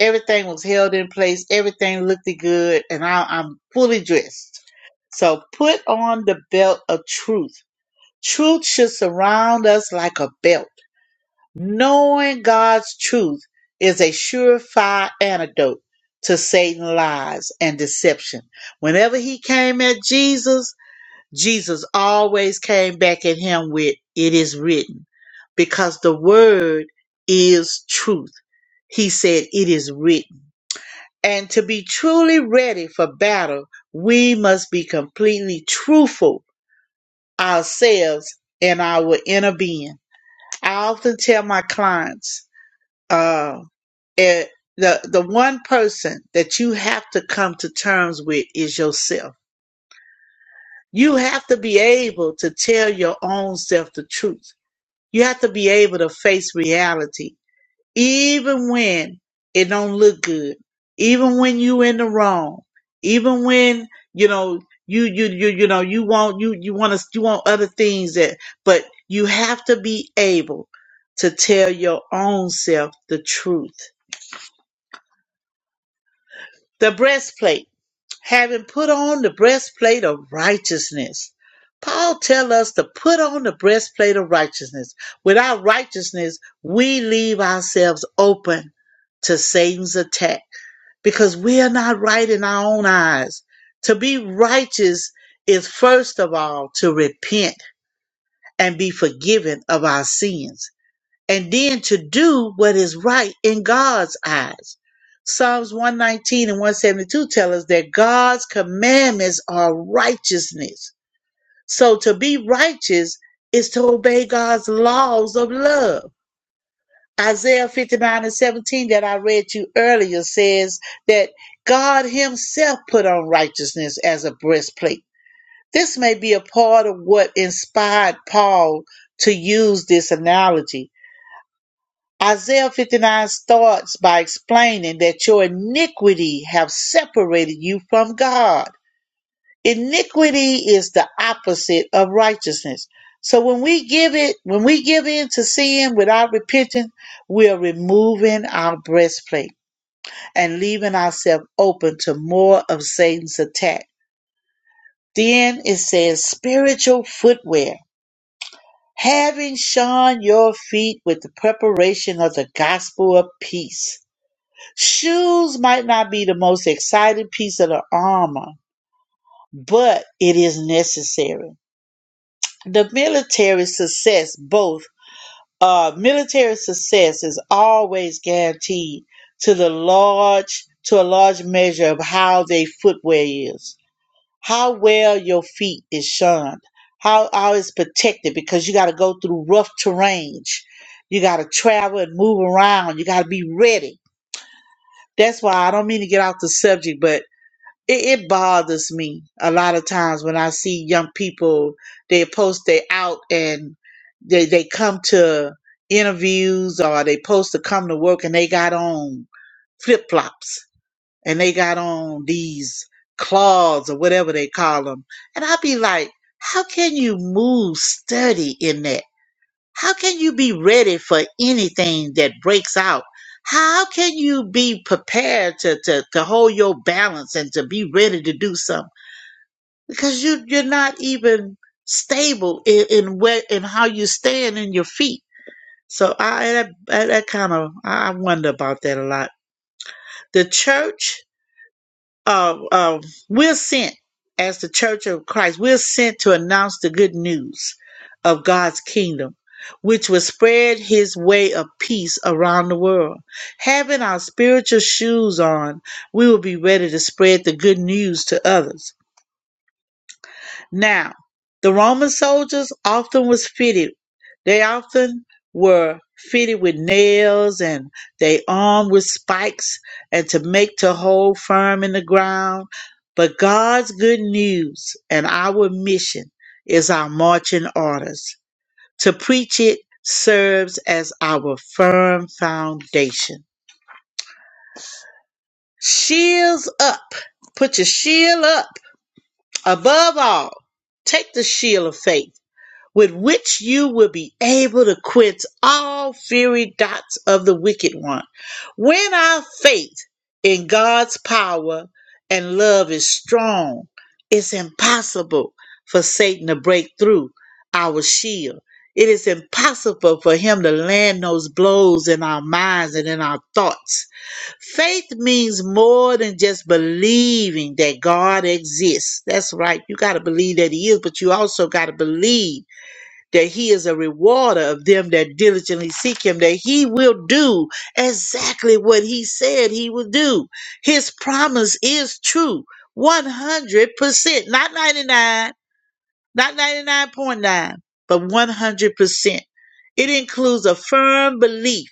K: Everything was held in place. Everything looked good, and I, I'm fully dressed. So put on the belt of truth. Truth should surround us like a belt. Knowing God's truth is a surefire antidote to Satan's lies and deception. Whenever he came at Jesus, Jesus always came back at him with, It is written, because the word is truth. He said, It is written. And to be truly ready for battle, we must be completely truthful ourselves in our inner being. I often tell my clients, uh, it, the the one person that you have to come to terms with is yourself. You have to be able to tell your own self the truth. You have to be able to face reality, even when it don't look good, even when you in the wrong, even when you know you you you you know you want you you want to you want other things that, but you have to be able to tell your own self the truth. The breastplate. having put on the breastplate of righteousness. Paul tells us to put on the breastplate of righteousness. Without righteousness, we leave ourselves open to Satan's attack because we are not right in our own eyes. To be righteous is first of all to repent and be forgiven of our sins and then to do what is right in God's eyes. Psalms 119 and 172 tell us that God's commandments are righteousness. So to be righteous is to obey God's laws of love. Isaiah 59 and 17 that I read to you earlier says that God himself put on righteousness as a breastplate. This may be a part of what inspired Paul to use this analogy Isaiah 59 starts by explaining that your iniquity have separated you from God. Iniquity is the opposite of righteousness. So when we give it, when we give in to sin without repenting, we are removing our breastplate and leaving ourselves open to more of Satan's attack. Then it says spiritual footwear, having shod your feet with the preparation of the gospel of peace. Shoes might not be the most exciting piece of the armor, but it is necessary. The military success, both uh, military success is always guaranteed to the large to a large measure of how their footwear is, how well your feet is shunned, how how it's protected because you got to go through rough terrain, you got to travel and move around, you got to be ready. That's why I don't mean to get off the subject, but it, it bothers me a lot of times when I see young people they post they out and they they come to interviews or they post to come to work and they got on flip flops and they got on these claws or whatever they call them and I'd be like, how can you move sturdy in that? How can you be ready for anything that breaks out? How can you be prepared to, to, to hold your balance and to be ready to do something? Because you, you're not even stable in, in where, in how you stand in your feet. So I, that, that kind of, I wonder about that a lot. The church uh, uh, we're sent as the Church of Christ. We're sent to announce the good news of God's kingdom, which will spread His way of peace around the world. Having our spiritual shoes on, we will be ready to spread the good news to others. Now, the Roman soldiers often was fitted. They often were fitted with nails and they armed with spikes and to make to hold firm in the ground. But God's good news and our mission is our marching orders. To preach it serves as our firm foundation. Shields up. Put your shield up. Above all, take the shield of faith with which you will be able to quench all fiery dots of the wicked one. When our faith in God's power and love is strong, it's impossible for Satan to break through our shield. It is impossible for him to land those blows in our minds and in our thoughts. Faith means more than just believing that God exists. That's right. You got to believe that he is, but you also got to believe that he is a rewarder of them that diligently seek him, that he will do exactly what he said he would do. His promise is true 100%, not 99, not 99.9, but 100%. It includes a firm belief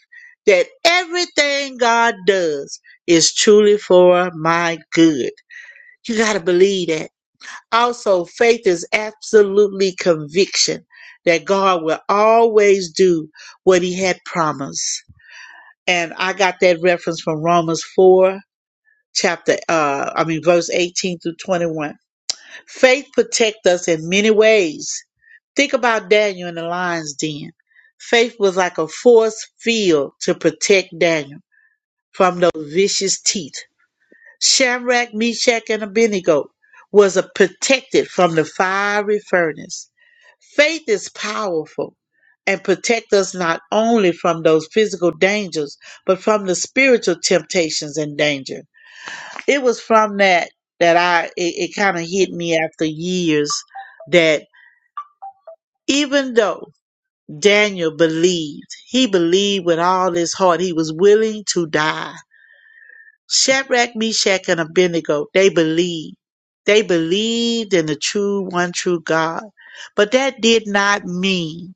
K: that everything God does is truly for my good. You got to believe that. Also, faith is absolutely conviction that God will always do what he had promised. And I got that reference from Romans 4 chapter uh I mean verse 18 through 21. Faith protects us in many ways. Think about Daniel in the lion's den. Faith was like a force field to protect Daniel from those vicious teeth. Shamrach, Meshach, and Abednego was a protected from the fiery furnace. Faith is powerful and protect us not only from those physical dangers, but from the spiritual temptations and danger. It was from that that I it, it kind of hit me after years that even though Daniel believed, he believed with all his heart, he was willing to die. Shadrach, Meshach, and Abednego, they believed. They believed in the true, one true God. But that did not mean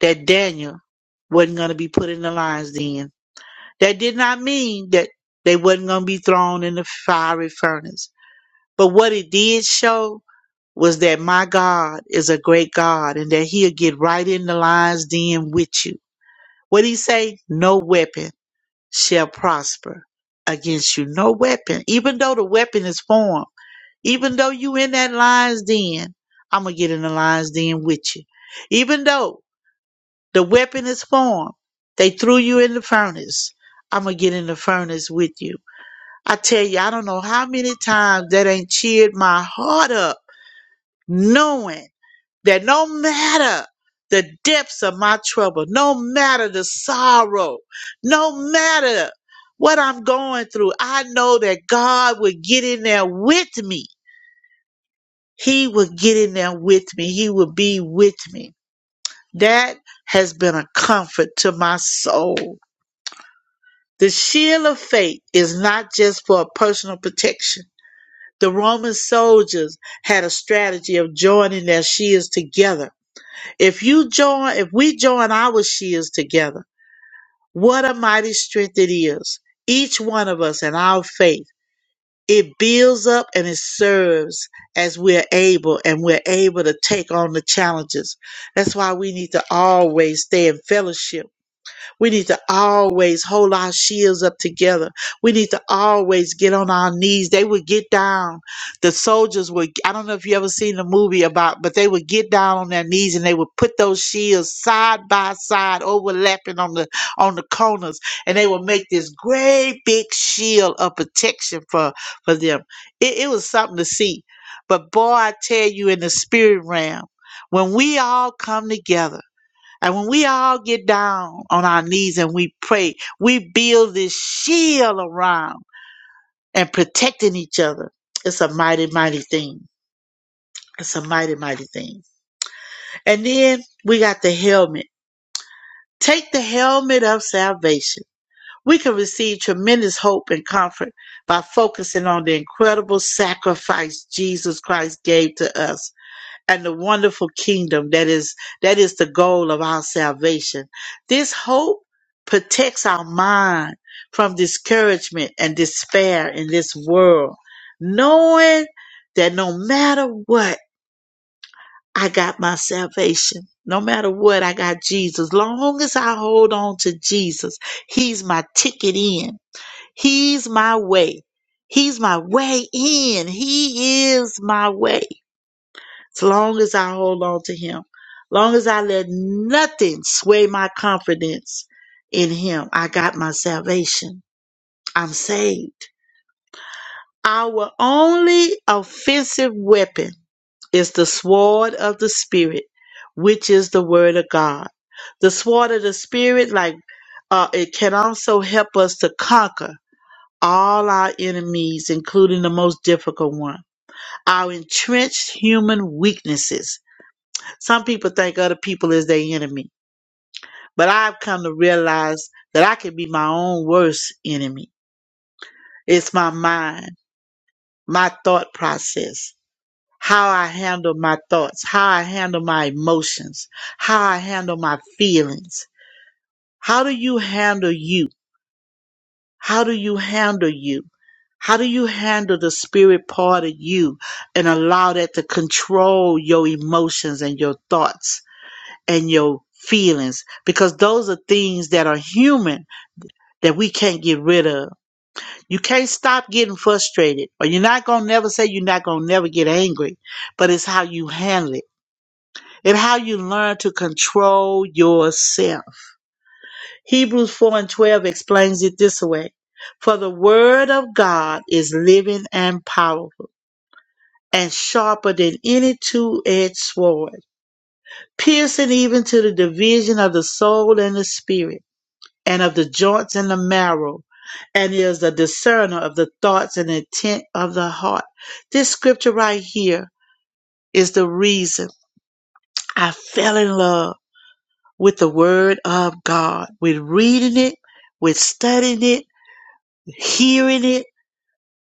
K: that Daniel wasn't going to be put in the lion's den. That did not mean that they wasn't going to be thrown in the fiery furnace. But what it did show was that my God is a great God and that he'll get right in the lion's den with you. What he say? No weapon shall prosper against you. No weapon. Even though the weapon is formed, even though you in that lion's den, I'm going to get in the lion's den with you. Even though the weapon is formed. They threw you in the furnace. I'm going to get in the furnace with you. I tell you, I don't know how many times that ain't cheered my heart up, knowing that no matter the depths of my trouble, no matter the sorrow, no matter what I'm going through, I know that God will get in there with me. He will get in there with me. He will be with me. That has been a comfort to my soul. The shield of faith is not just for personal protection. The Roman soldiers had a strategy of joining their shields together. If you join, if we join our shields together, what a mighty strength it is. Each one of us and our faith. It builds up and it serves as we're able and we're able to take on the challenges. That's why we need to always stay in fellowship we need to always hold our shields up together. We need to always get on our knees. They would get down. The soldiers would, I don't know if you ever seen the movie about, but they would get down on their knees and they would put those shields side by side, overlapping on the on the corners, and they would make this great big shield of protection for for them. It, it was something to see. But boy, I tell you, in the spirit realm, when we all come together. And when we all get down on our knees and we pray, we build this shield around and protecting each other. It's a mighty, mighty thing. It's a mighty, mighty thing. And then we got the helmet. Take the helmet of salvation. We can receive tremendous hope and comfort by focusing on the incredible sacrifice Jesus Christ gave to us and the wonderful kingdom that is that is the goal of our salvation. This hope protects our mind from discouragement and despair in this world, knowing that no matter what, I got my salvation. No matter what, I got Jesus. Long as I hold on to Jesus, He's my ticket in. He's my way. He's my way in. He is my way. As long as I hold on to him, long as I let nothing sway my confidence in him, I got my salvation. I'm saved. Our only offensive weapon is the sword of the spirit, which is the word of God. The sword of the spirit, like uh, it can also help us to conquer all our enemies, including the most difficult one, our entrenched human weaknesses Some people think other people is their enemy, but I've come to realize that I can be my own worst enemy. It's my mind, my thought process, how I handle my thoughts, how I handle my emotions, how I handle my feelings. How do you handle you? How do you handle you? How do you handle the spirit part of you and allow that to control your emotions and your thoughts? and your feelings because those are things that are human that we can't get rid of. You can't stop getting frustrated or you're not going to never say you're not going to never get angry, but it's how you handle it and how you learn to control yourself. Hebrews 4 and 12 explains it this way. For the word of God is living and powerful and sharper than any two-edged sword, piercing even to the division of the soul and the spirit and of the joints and the marrow, and is a discerner of the thoughts and intent of the heart. This scripture right here is the reason I fell in love with the Word of God, with reading it, with studying it, hearing it,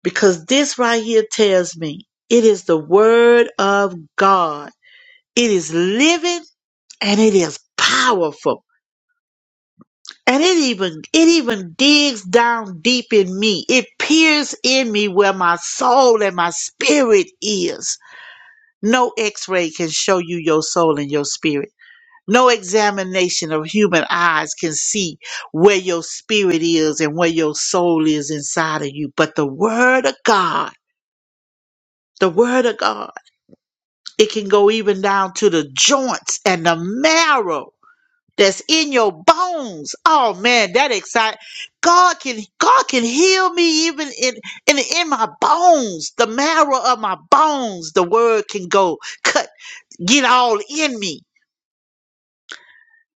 K: because this right here tells me it is the Word of God. It is living and it is powerful. And it even it even digs down deep in me. It peers in me where my soul and my spirit is. No x-ray can show you your soul and your spirit. No examination of human eyes can see where your spirit is and where your soul is inside of you. But the word of God, the word of God, it can go even down to the joints and the marrow that's in your bones. Oh man, that excite God can God can heal me even in in in my bones, the marrow of my bones. The word can go cut, get all in me,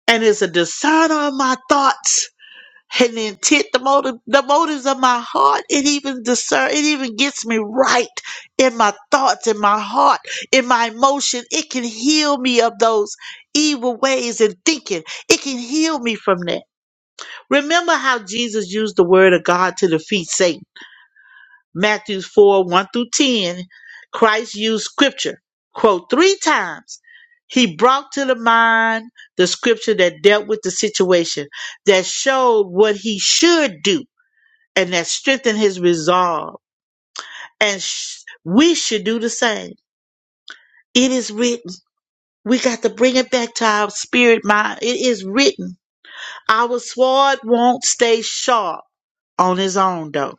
K: and it's a discerner of my thoughts and the intent, the motive, the motives of my heart. It even discern, it even gets me right in my thoughts, in my heart, in my emotion. It can heal me of those evil ways and thinking. It can heal me from that Remember how Jesus used the word of God to defeat Satan. Matthew 4 1 through 10, Christ used scripture, quote, three times. He brought to the mind the scripture that dealt with the situation, that showed what he should do, and that strengthened his resolve. And sh- we should do the same. It is written. We got to bring it back to our spirit mind. It is written. Our sword won't stay sharp on his own, though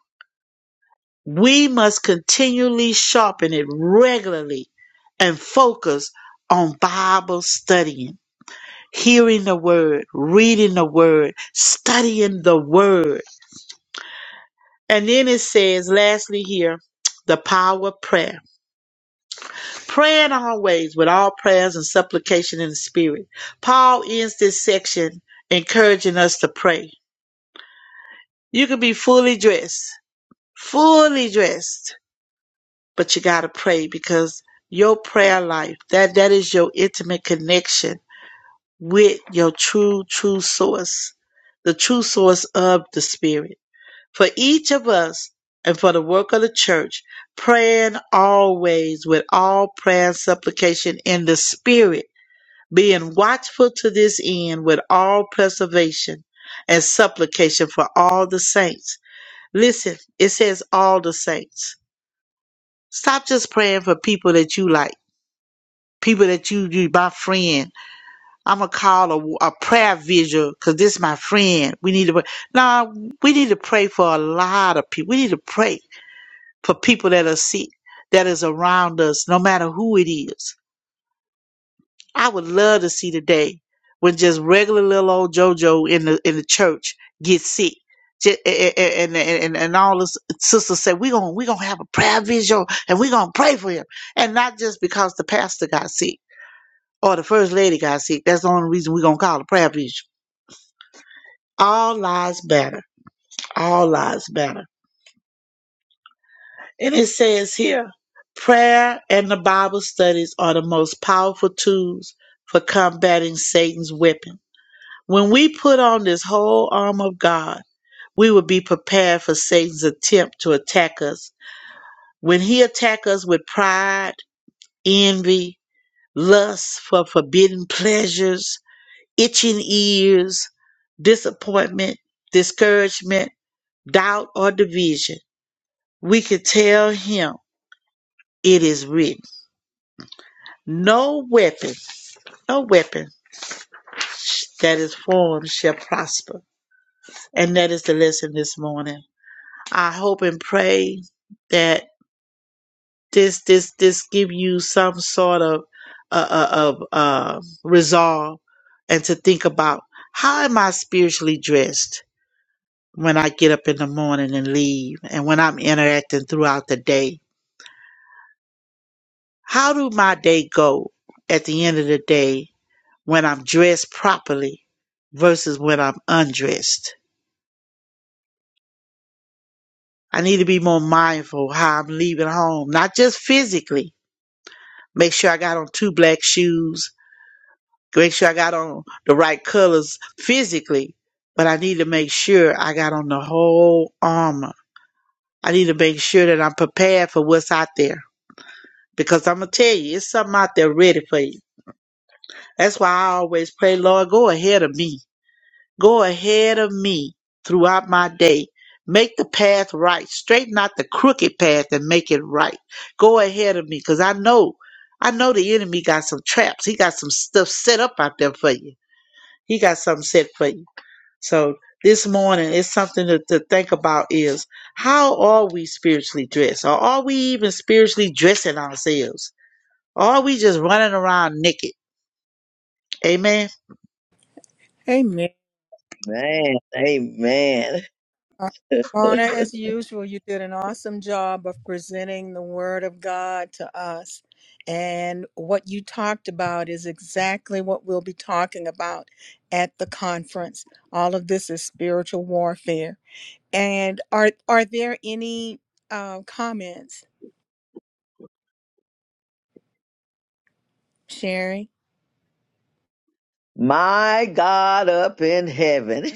K: We must continually sharpen it regularly and focus on Bible studying, hearing the word, reading the word, studying the word. And then it says, lastly, here, the power of prayer. Praying always with all prayers and supplication in the spirit. Paul ends this section encouraging us to pray. You can be fully dressed, fully dressed but you got to pray because your prayer life that that is your intimate connection with your true true source the true source of the spirit for each of us and for the work of the church praying always with all prayer and supplication in the spirit being watchful to this end with all preservation and supplication for all the saints listen it says all the saints stop just praying for people that you like people that you you my friend. I'm gonna call a, a prayer vigil because this my friend. We need to pray. Nah, we need to pray for a lot of people. We need to pray for people that are sick, that is around us, no matter who it is. I would love to see the day when just regular little old JoJo in the in the church gets sick. Ju- a- a- And, and, and, and all the sisters say, we're going we gonna we gonna have a prayer vigil and we're going to pray for him. And not just because the pastor got sick or the first lady got sick. That's the only reason we're gonna call it prayer vigil. All lives matter. All lives matter. And it says here, prayer and the Bible studies are the most powerful tools for combating Satan's weapon. When we put on this whole armor of God, we will be prepared for Satan's attempt to attack us. When he attacks us with pride, envy, lust for forbidden pleasures, itching ears, disappointment, discouragement, doubt, or division, we could tell him it is written. No weapon, no weapon that is formed shall prosper. And that is the lesson this morning. I hope and pray that this this this give you some sort of uh, uh, of uh, resolve and to think about how am I spiritually dressed when I get up in the morning and leave and when I'm interacting throughout the day. How do my day go at the end of the day when I'm dressed properly versus when I'm undressed? I need to be more mindful how I'm leaving home, not just physically. Make sure I got on two black shoes, make sure I got on the right colors physically, but I need to make sure I got on the whole armor. I need to make sure that I'm prepared for what's out there. Because I'm gonna tell you, it's something out there ready for you. That's why I always pray, Lord, go ahead of me. Go ahead of me throughout my day. Make the path right. Straighten out the crooked path and make it right. Go ahead of me. Cause I know, I know the enemy got some traps. He got some stuff set up out there for you. He got something set for you. So this morning, it's something to, to think about is how are we spiritually dressed? Or are we even spiritually dressing ourselves? Or are we just running around naked? Amen.
A: Amen.
G: Man, amen.
A: Uh, Mona, as usual, you did an awesome job of presenting the Word of God to us. And what you talked about is exactly what we'll be talking about at the conference. All of this is spiritual warfare. And are are there any uh, comments, Sherry?
G: My God up in heaven.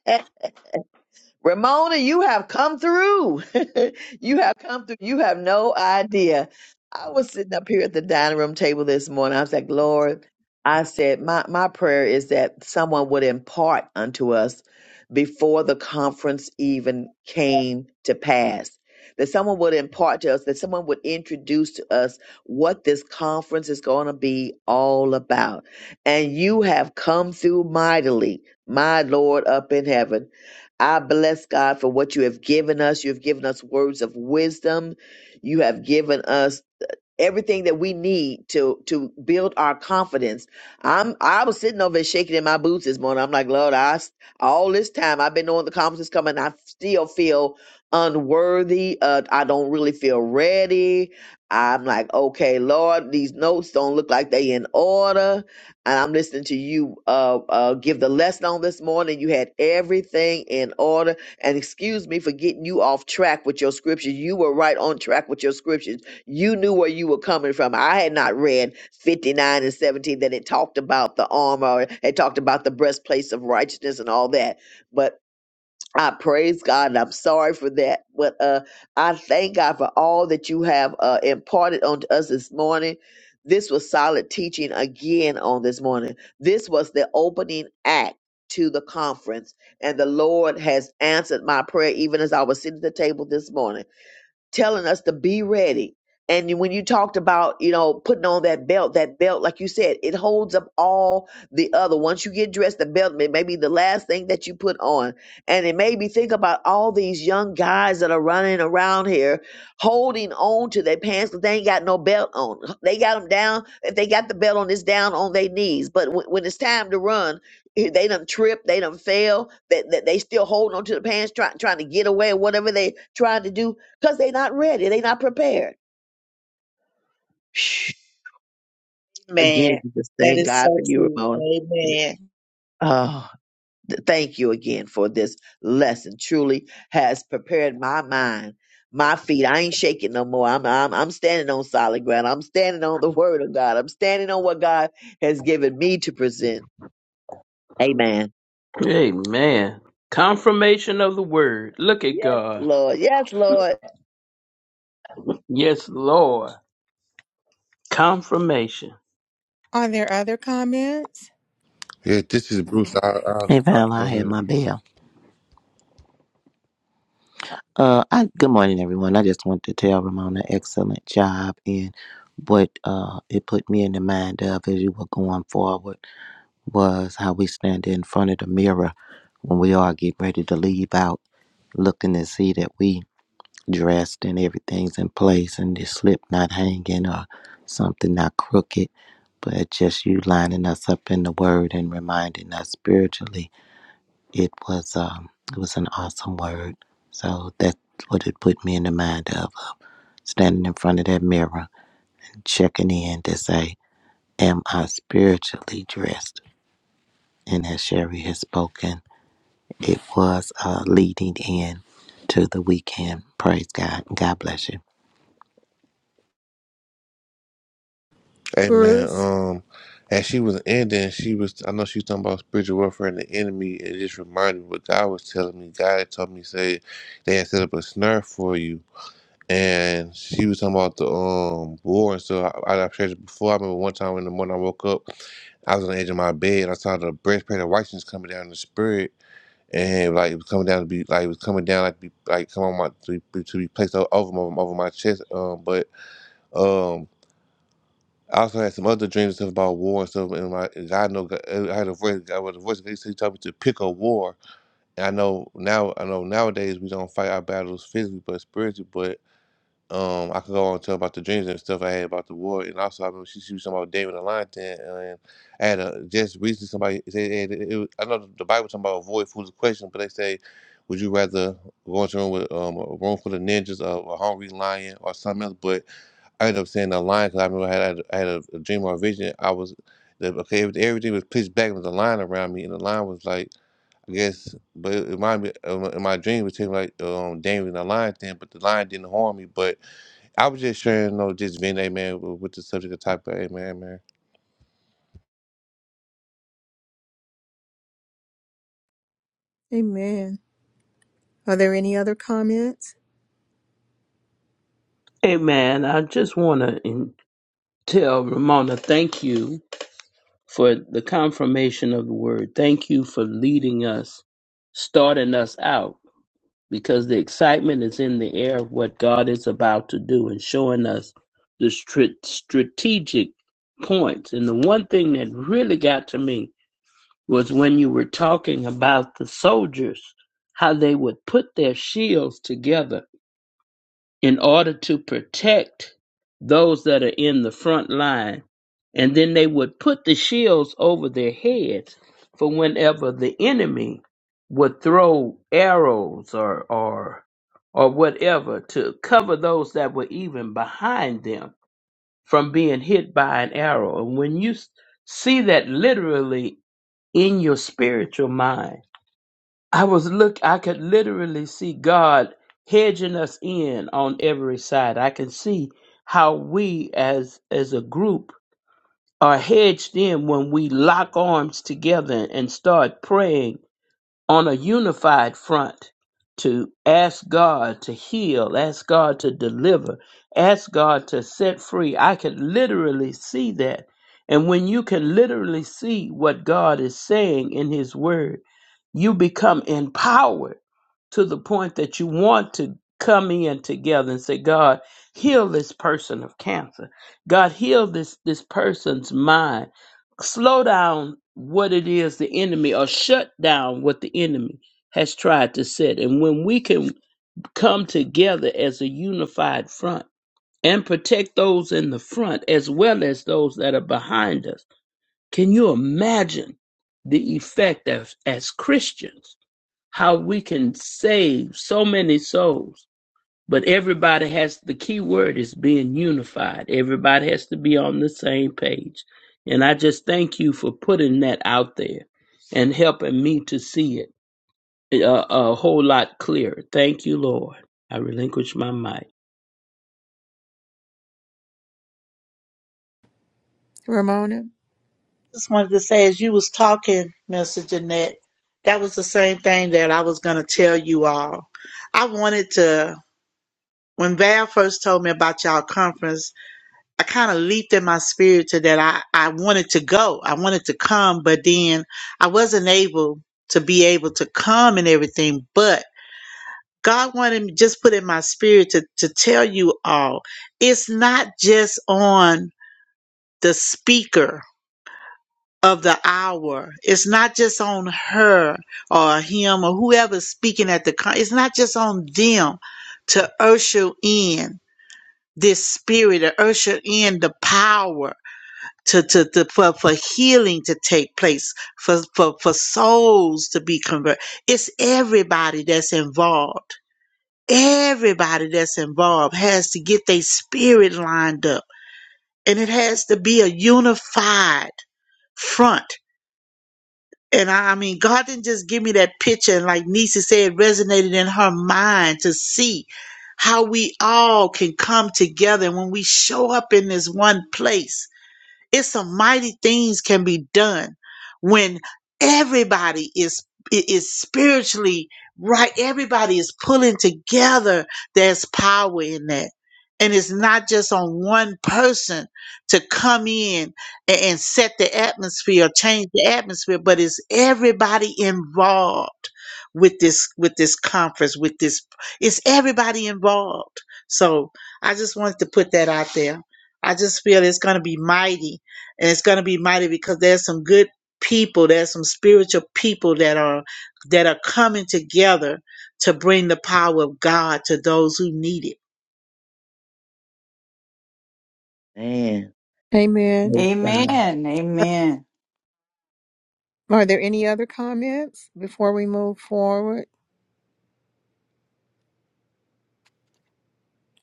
G: Ramona, you have come through. you have come through. You have no idea. I was sitting up here at the dining room table this morning. I was like, Lord, I said, my, my prayer is that someone would impart unto us before the conference even came to pass. That someone would impart to us, that someone would introduce to us what this conference is going to be all about. And you have come through mightily, my Lord up in heaven. I bless God for what you have given us. You have given us words of wisdom. You have given us everything that we need to to build our confidence. I'm I was sitting over there shaking in my boots this morning. I'm like, Lord, I s- all this time I've been knowing the conference is coming. I still feel unworthy. Uh, I don't really feel ready. I'm like, okay, Lord, these notes don't look like they in order. And I'm listening to you uh, uh, give the lesson on this morning. You had everything in order. And excuse me for getting you off track with your scripture. You were right on track with your scriptures you knew where you were coming from. I had not read 59 and 17 that it talked about the armor, it talked about the breastplates of righteousness and all that. But I praise God and I'm sorry for that. But uh, I thank God for all that you have uh, imparted onto us this morning. This was solid teaching again on this morning. This was the opening act to the conference, and the Lord has answered my prayer even as I was sitting at the table this morning telling us to be ready. And when you talked about, you know, putting on that belt, that belt, like you said, it holds up all the other. Once you get dressed, the belt may, may be the last thing that you put on. And it made me think about all these young guys that are running around here holding on to their pants because they ain't got no belt on. They got them down. If they got the belt on, it's down on their knees. But when when it's time to run, eh, they done trip, they done fail, that they, they, they still holding on to the pants, trying trying to get away, whatever they trying to do because they're not ready. They're not prepared. Shh. Again,
K: Amen.
G: we just
K: That
G: thank
K: is
G: God for
K: so
G: you,
K: true.
G: Ramona.
K: Amen.
G: Oh, th- thank you again for this lesson. Truly has prepared my mind, my feet. I ain't shaking no more. I'm I'm I'm standing on solid ground. I'm standing on the word of God. I'm standing on what God has given me to present. Amen.
E: Amen. Confirmation of the word. Look at
G: Yes,
E: God.
G: Lord. Yes, Lord.
E: Yes, Lord. Confirmation.
A: Are there other comments,
I: Yeah, this is Bruce. I, I,
L: Hey
I: I,
L: Val,
I: go
L: I had
I: ahead.
L: my bell. Uh, I good morning everyone. I just want to tell Ramona excellent job and what uh it put me in the mind of as you were going forward was how we stand in front of the mirror when we all get ready to leave out, looking to see that we dressed and everything's in place and the slip not hanging or something not crooked, but just you lining us up in the word and reminding us spiritually It was um, it was an awesome word. So that's what it put me in the mind of, of standing in front of that mirror, checking in to say, "Am I spiritually dressed?" And as Sherry has spoken, it was uh, leading in to the weekend. Praise God. God bless you.
I: Hey man,
A: Bruce?
I: um, as she was ending, she was. I know she was talking about spiritual warfare and the enemy. and It just reminded me what God was telling me. God had told me say they had set up a snare for you, and she was talking about the um war. And so I, I, I've shared it before. I remember one time in the morning I woke up, I was on the edge of my bed and I saw the breastplate of righteousness coming down in the spirit. And like it was coming down to be like it was coming down like be, like come on my to be, to be placed o- over my over my chest. Um, but um, I also had some other dreams and stuff about war and stuff. And my God know God, I had a voice. I was a voice. He said he told me to pick a war. And I know now. I know nowadays we don't fight our battles physically, but spiritually. But um, I could go on and tell about the dreams and stuff I had about the war. And also, I remember she, she was talking about David and Lionton. And I had a, just recently somebody said hey, it, it, was- I know the Bible talking about avoid foolish questions, but they say. Would you rather go into a room with um, a room full of ninjas, or a hungry lion, or something else? But I ended up saying the line because I remember I had, I had a, a dream or a vision. I was the, okay. every- Everything was pitched back. with was a line around me, and the line was like I guess. But it reminded me um, in my dream it was taking like um Daniel and the lion thing, but the lion didn't harm me. But I was just sharing, you know, just being a man with, with the subject of type of a man, man.
A: Amen. Are there any other comments,
E: Amen. I just want to tell Ramona, thank you for the confirmation of the word. Thank you for leading us, starting us out, because the excitement is in the air of what God is about to do and showing us the str- strategic points. And the one thing that really got to me was when you were talking about the soldiers, how they would put their shields together in order to protect those that are in the front line. And then they would put the shields over their heads for whenever the enemy would throw arrows or or or whatever to cover those that were even behind them from being hit by an arrow. And when you s- see that literally in your spiritual mind, I was look I could literally see God hedging us in on every side. I can see how we as as a group are hedged in when we lock arms together and start praying on a unified front to ask God to heal, ask God to deliver, ask God to set free. I could literally see that. And when you can literally see what God is saying in His Word, you become empowered to the point that you want to come in together and say, God, heal this person of cancer. God, heal this, this person's mind slow down what it is the enemy or shut down what the enemy has tried to set. And when we can come together as a unified front and protect those in the front as well as those that are behind us, can you imagine the effect of, as Christians, how we can save so many souls? But everybody has the key word is being unified. Everybody has to be on the same page. And I just thank you for putting that out there and helping me to see it a, a whole lot clearer. Thank you, Lord. I relinquish my mic.
A: Ramona?
K: Just wanted to say, as you was talking, Mister Jeanette, that was the same thing that I was going to tell you all. I wanted to, when Val first told me about y'all conference, I kind of leaped in my spirit to that I, I wanted to go. I wanted to come, but then I wasn't able to be able to come and everything, but God wanted me just put in my spirit to, to tell you all it's not just on the speaker of the hour. It's not just on her or him or whoever's speaking at the con it's not just on them to usher in this spirit or usher in the power to, to, to for, for healing to take place, for, for for souls to be converted. It's everybody that's involved everybody that's involved has to get their spirit lined up and it has to be a unified front and I, I mean god didn't just give me that picture and like nisa said resonated in her mind to see how we all can come together And when we show up in this one place it's some mighty things can be done when everybody is i- is spiritually right. Everybody is pulling together. There's power in that. And it's not just on one person to come in a- and, set the atmosphere, change the atmosphere, but it's everybody involved with this with this conference, with this it's everybody involved. So I just wanted to put that out there. I just feel it's going to be mighty and it's going to be mighty because there's some good people there's some spiritual people that are that are coming together to bring the power of god to those who need it
G: Man.
A: Amen.
G: praise God.
B: Amen. Amen.
A: Are there any other comments before we move forward?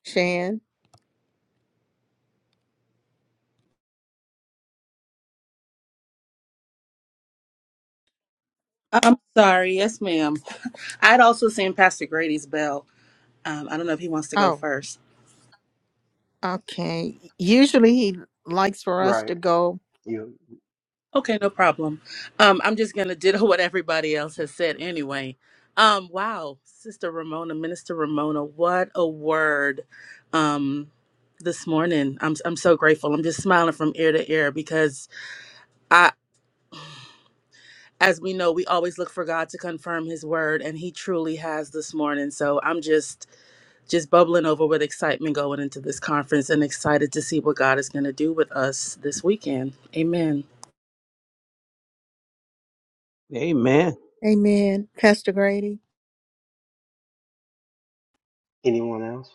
A: Shan?
J: I'm sorry. Yes, ma'am. I'd also seen Pastor Grady's bell. Um, I don't know if he wants to go
A: Oh,
J: first.
A: okay. Usually he likes for us
M: Right.
A: to go.
M: You.
J: Okay, no problem. Um, I'm just gonna ditto what everybody else has said anyway. Um, wow, Sister Ramona, Minister Ramona, what a word um, this morning. I'm I'm so grateful. I'm just smiling from ear to ear because I, as we know, we always look for God to confirm His word, and He truly has this morning. So I'm just just bubbling over with excitement going into this conference and excited to see what God is going to do with us this weekend. Amen.
E: Amen.
A: Amen. Pastor Grady?
M: Anyone else?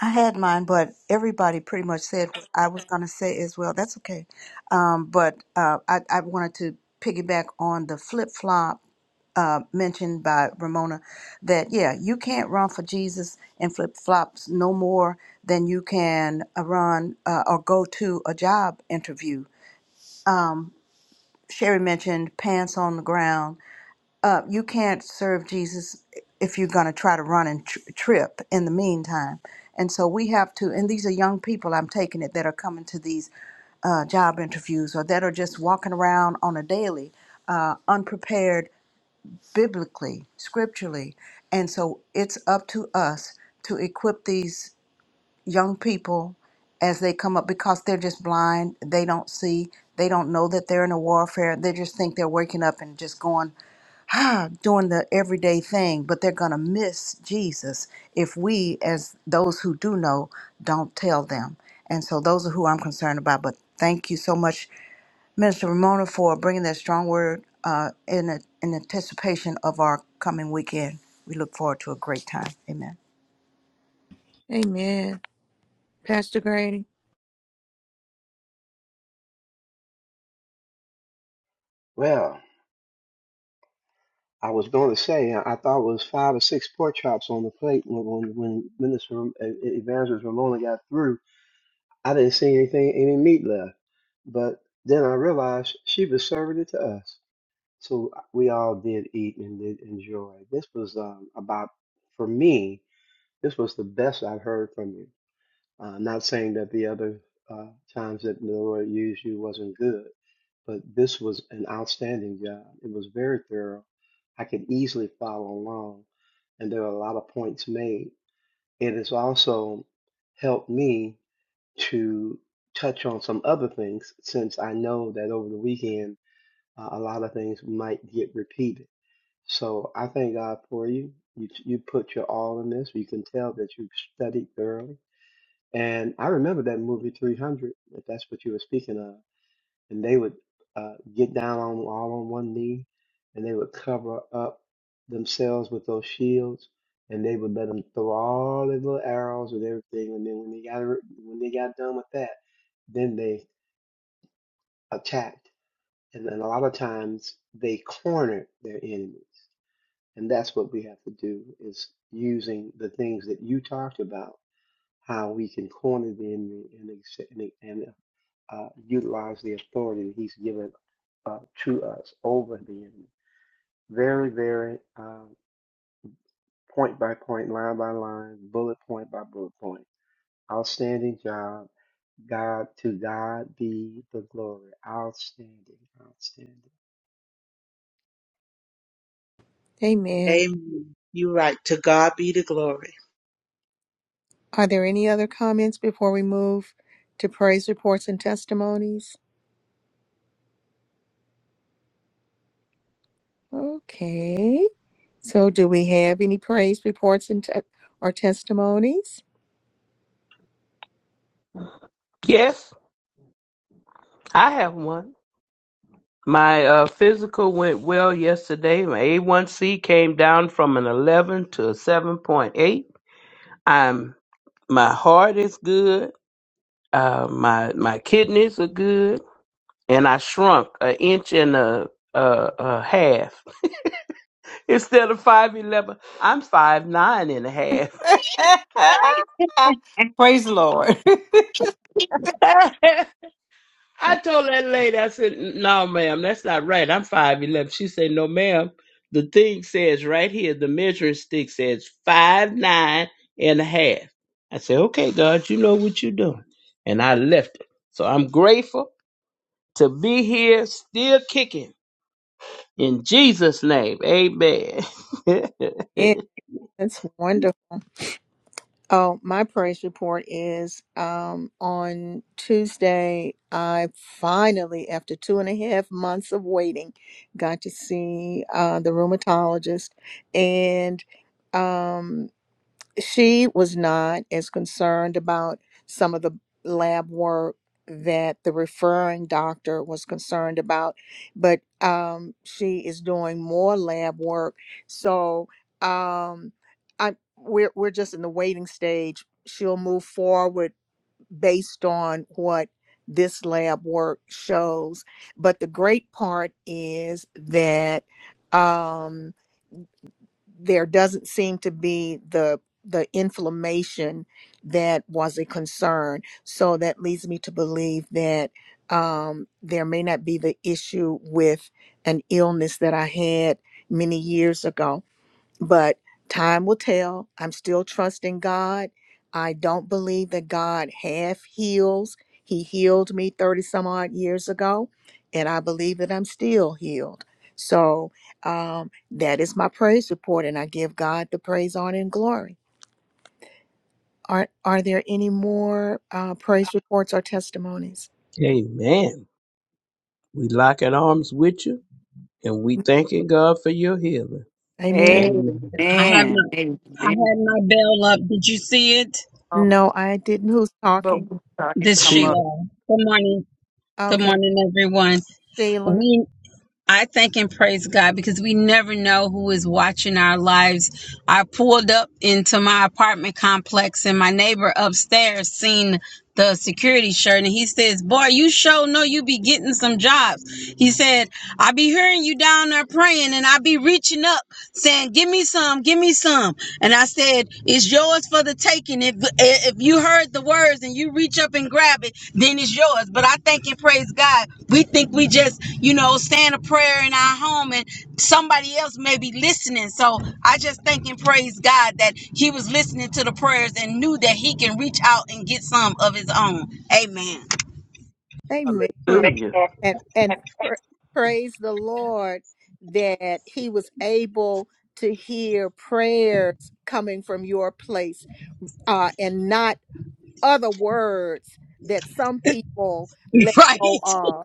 D: I had mine, but everybody pretty much said what I was going to say as well. That's okay. Um, but uh, I, I wanted to piggyback on the flip flop uh, mentioned by Ramona that, yeah, you can't run for Jesus and flip flops no more than you can uh, run uh, or go to a job interview. Sherry mentioned pants on the ground uh, you can't serve Jesus if you're going to try to run and tr- trip in the meantime. And so we have to, and these are young people, I'm taking it, that are coming to these uh, job interviews or that are just walking around on a daily, uh, unprepared biblically, scripturally. And so it's up to us to equip these young people as they come up because they're just blind. They don't see. They don't know that they're in a warfare. They just think they're waking up and just going. doing the everyday thing, but they're going to miss Jesus if we, as those who do know, don't tell them. And so those are who I'm concerned about. But thank you so much, Minister Ramona, for bringing that strong word uh, in, a, in anticipation of our coming weekend. We look forward to a great time. Amen.
A: Amen. Pastor Grady?
M: Well, I was going to say I I thought it was five or six pork chops on the plate when when, when Minister Ram- uh, uh, Evangelist Ramona got through. I didn't see anything any meat left, but then I realized she was serving it to us. So uh, we all did eat and did enjoy. This was um, about for me. This was the best I've heard from you. Uh, I'm not saying that the other uh, times that the Lord used you wasn't good, but this was an outstanding job. It was very thorough. I could easily follow along, and there are a lot of points made. It has also helped me to touch on some other things since I know that over the weekend uh, a lot of things might get repeated. So I thank God for you. You you put your all in this. You can tell that you've studied thoroughly and I remember that movie 300, if that's what you were speaking of. And they would uh, get down on all on one knee and they would cover up themselves with those shields and they would let them throw all their little arrows and everything. And then when they got, ri- when they got done with that, then they attacked. And then a lot of times they cornered their enemies. And that's what we have to do is using the things that you talked about how we can corner the enemy and ex- and, and uh, utilize the authority that he's given uh, to us over the enemy. Very, very uh, point by point, line by line, bullet point by bullet point. Outstanding job. God to God be the glory. Outstanding, outstanding.
A: Amen.
K: amen you're right to god be the glory
A: Are there any other comments before we move to praise reports and testimonies? Okay. So do we have any praise reports and te- or testimonies?
E: Yes, I have one. My uh, physical went well yesterday. My A1C came down from an 11 to a 7.8. I'm my heart is good. Uh, my my kidneys are good, and I shrunk an inch and a, a, a half. Instead of five eleven, I'm five nine and a half.
B: Praise the Lord.
E: I
A: Well,
E: told that lady, I said, "No, ma'am, that's not right. I'm five five eleven." She said, "No, ma'am. The thing says right here, the measuring stick says five nine and a half." I said, "Okay, God, you know what you're doing," and I left it. So I'm grateful to be here, still kicking In Jesus' name, amen.
A: Yeah, that's wonderful. Oh, my praise report is um, on Tuesday. I finally, after two and a half months of waiting, got to see uh, the rheumatologist, and um, she was not as concerned about some of the lab work that the referring doctor was concerned about, but um, she is doing more lab work. So um, I, we're we're just in the waiting stage. She'll move forward based on what this lab work shows. But the great part is that. Um, there doesn't seem to be the the inflammation that was a concern. So that leads me to believe that um, there may not be the issue with an illness that I had many years ago but time will tell. I'm still trusting God. I don't believe that God half heals. He healed me 30 some odd years ago, and I believe that I'm still healed. So um, that is my praise report, and I give God the praise, honor, and glory. Are, are there any more uh, praise reports or testimonies?
E: amen. We lock in arms with you and we thanking God for your healing.
A: Amen.
E: Amen.
N: I have
B: Amen.
N: my I
B: Amen.
N: had my bell up. Did you see it?
B: Oh,
A: No, I didn't. Who's
B: but
A: talking?
B: we saw you
N: This
B: come up.
N: Sheila.
E: Jesus.
N: Good morning. Good
A: Okay,
N: morning, everyone.
A: Sheila.
N: We I thank and praise God because we never know who is watching our lives. I pulled up into my apartment complex and my neighbor upstairs seen the security shirt and he says, Boy, you sure know you be getting some jobs. He said, I be hearing you down there praying and I be reaching up saying, Give me some, give me some. And I said, It's yours for the taking. If if you heard the words and you reach up and grab it, then it's yours. But I thank and praise God. We think we just you know, saying a prayer in our home and somebody else may be listening. So I just thank and praise God that he was listening to the prayers and knew that he can reach out and get some of his own. Amen.
A: Amen.
E: Hallelujah. Amen.
A: And and pra- praise the Lord that he was able to hear prayers coming from your place uh and not other words that some people let
N: Right.
A: go of.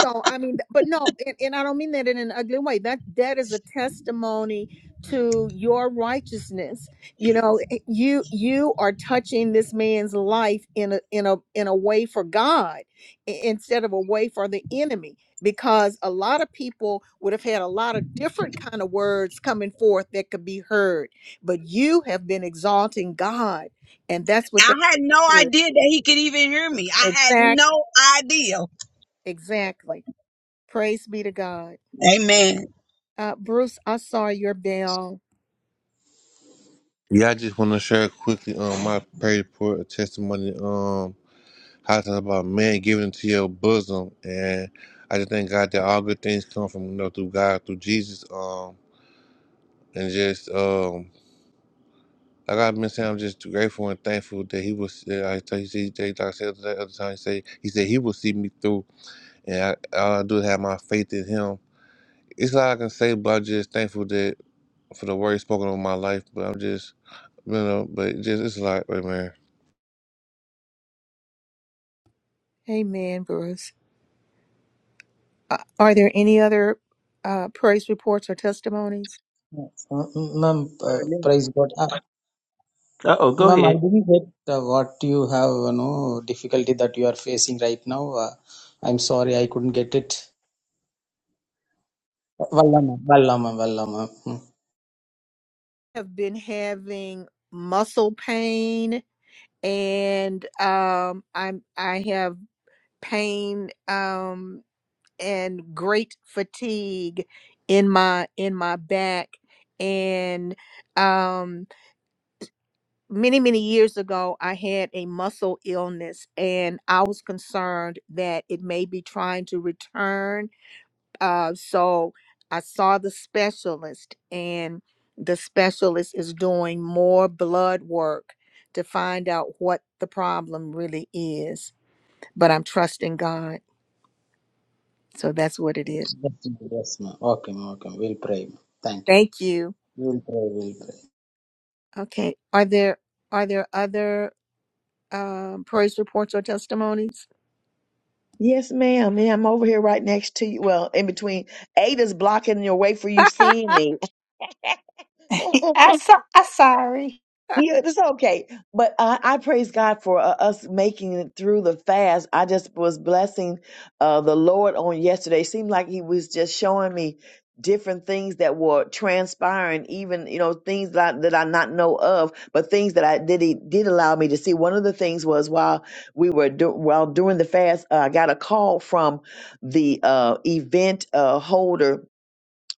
A: So I mean, th- but no, and, and I don't mean that in an ugly way. That that is a testimony to your righteousness. You know, i- you you are touching this man's life in a in a in a way for God i- instead of a way for the enemy. Because a lot of people would have had a lot of different kind of words coming forth that could be heard, but you have been exalting God, and that's what
N: I
A: that
N: had no
A: is.
N: idea that he could even hear me. I had
A: Exactly,
N: no idea.
A: exactly. Praise be to God.
N: Amen.
A: Uh, Bruce, I saw your bell.
I: Yeah, I just want to share quickly um my prayer report, a testimony. Um, How talk about man giving into your bosom, and I just thank God that all good things come from you know through God, through Jesus, um, and just um, like I've been saying, I'm just grateful and thankful that He was. That I tell you, see, that- like I said the other time, he said He said He will see me through, and I, all I do is have my faith in Him. It's all I can say, but I'm just thankful that for the word spoken over my life. But I'm just, you know, but just it's a lot, man.
A: Amen, Bruce. Uh, are there any other uh, praise reports or testimonies?
O: Uh, Ma'am, uh, praise God. Uh,
E: Uh oh, go
O: ma'am, I
E: ahead.
O: didn't get uh, what you have, you know, difficulty that you are facing right now. Uh, I'm sorry, I couldn't get it. Valla ma'am, valla ma'am, valla ma'am. Hmm.
A: have been having muscle pain and um I'm I have pain um, and great fatigue in my in my back and um many many years ago i had a muscle illness and i was concerned that it may be trying to return uh so i saw the specialist and the specialist is doing more blood work to find out what the problem really is but i'm trusting god so that's what it is
O: Yes, ma'am. Yes, ma'am. Okay, ma'am, okay. ma'am. We'll pray. ma'am. Thank you.
A: Thank you.
O: We'll pray, we'll pray.
A: Okay. Are there are there other um, praise reports or testimonies?
G: Yes, ma'am. Yeah, I'm over here right next to you. Well, in between. Ada's blocking your way for you seeing me.
B: I'm, so, I'm sorry.
G: Yeah, it's okay. But I, I praise God for uh, us making it through the fast. I just was blessing uh, the Lord on yesterday. seemed like He was just showing me different things that were transpiring, even you know things that I, that I not know of, but things that I did He did allow me to see. One of the things was while we were do, while during the fast, uh, I got a call from the uh, event uh, holder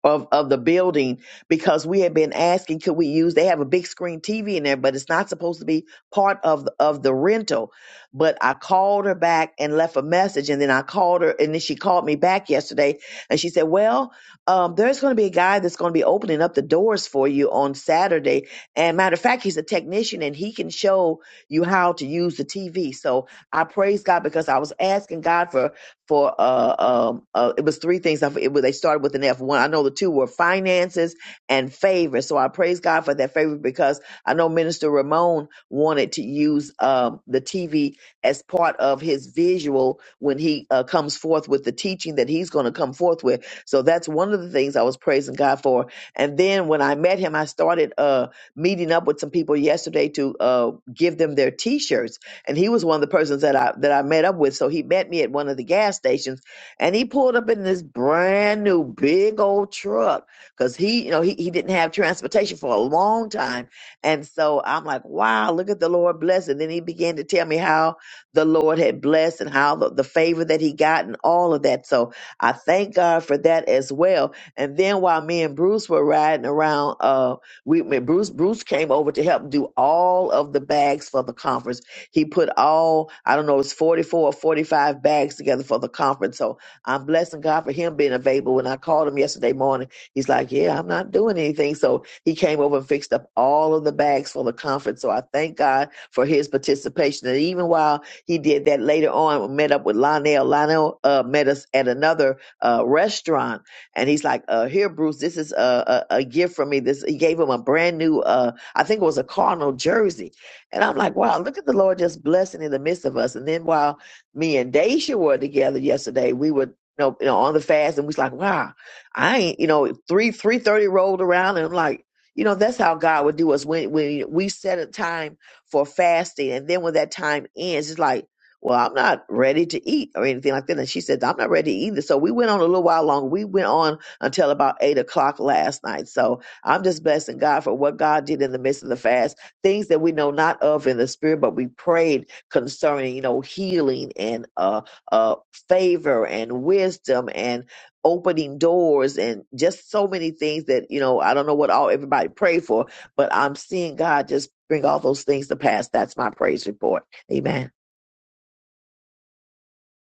G: of of the building because we had been asking could we use they have a big screen TV in there but it's not supposed to be part of the, of the rental but I called her back and left a message and then I called her and then she called me back yesterday and she said well um, there's going to be a guy that's going to be opening up the doors for you on Saturday and matter of fact he's a technician and he can show you how to use the TV so I praise God because I was asking God for for uh um uh, it was three things. I f- it, was- they started with an F one. I know the two were finances and favor. So I praise God for that favor because I know Minister Ramon wanted to use um the TV as part of his visual when he uh, comes forth with the teaching that he's going to come forth with. So that's one of the things I was praising God for. And then when I met him, I started uh meeting up with some people yesterday to uh give them their T-shirts and he was one of the persons that I that I met up with. So he met me at one of the gas stations, and he pulled up in this brand new big old truck because he, you know, he he didn't have transportation for a long time, and so I'm like, wow, look at the Lord bless. And then he began to tell me how the Lord had blessed and how the, the favor that he got and all of that. So I thank God for that as well. And then while me and Bruce were riding around, uh, we when Bruce Bruce came over to help do all of the bags for the conference he put all, I don't know, it's 44 or 45 bags together for the conference. So I'm blessing God for him being available. When I called him yesterday morning, he's like, Yeah, I'm not doing anything. So he came over and fixed up all of the bags for the conference. So I thank God for his participation. And even while he did that later on, we met up with Lionel. Lionel uh, met us at another uh, restaurant. And he's like, uh, Here, Bruce, this is a, a, a gift from me. This He gave him a brand new, uh, I think it was a Cardinal jersey and I'm like, wow, look at the Lord just blessing in the midst of us. And then while me and Daisha were together yesterday, we were you know, you know on the fast and we was like, wow, I ain't, you know, three three thirty rolled around and I'm like, you know, that's how God would do us when when we set a time for fasting and then when that time ends, it's like well, I'm not ready to eat or anything like that. And she said, I'm not ready either. So we went on a little while longer. We went on until about eight o'clock last night. So I'm just blessing God for what God did in the midst of the fast things that we know not of in the spirit, but we prayed concerning, you know, healing and uh, uh, favor and wisdom and opening doors and just so many things that, you know, I don't know what all everybody prayed for, but I'm seeing God just bring all those things to pass. That's my praise report. Amen.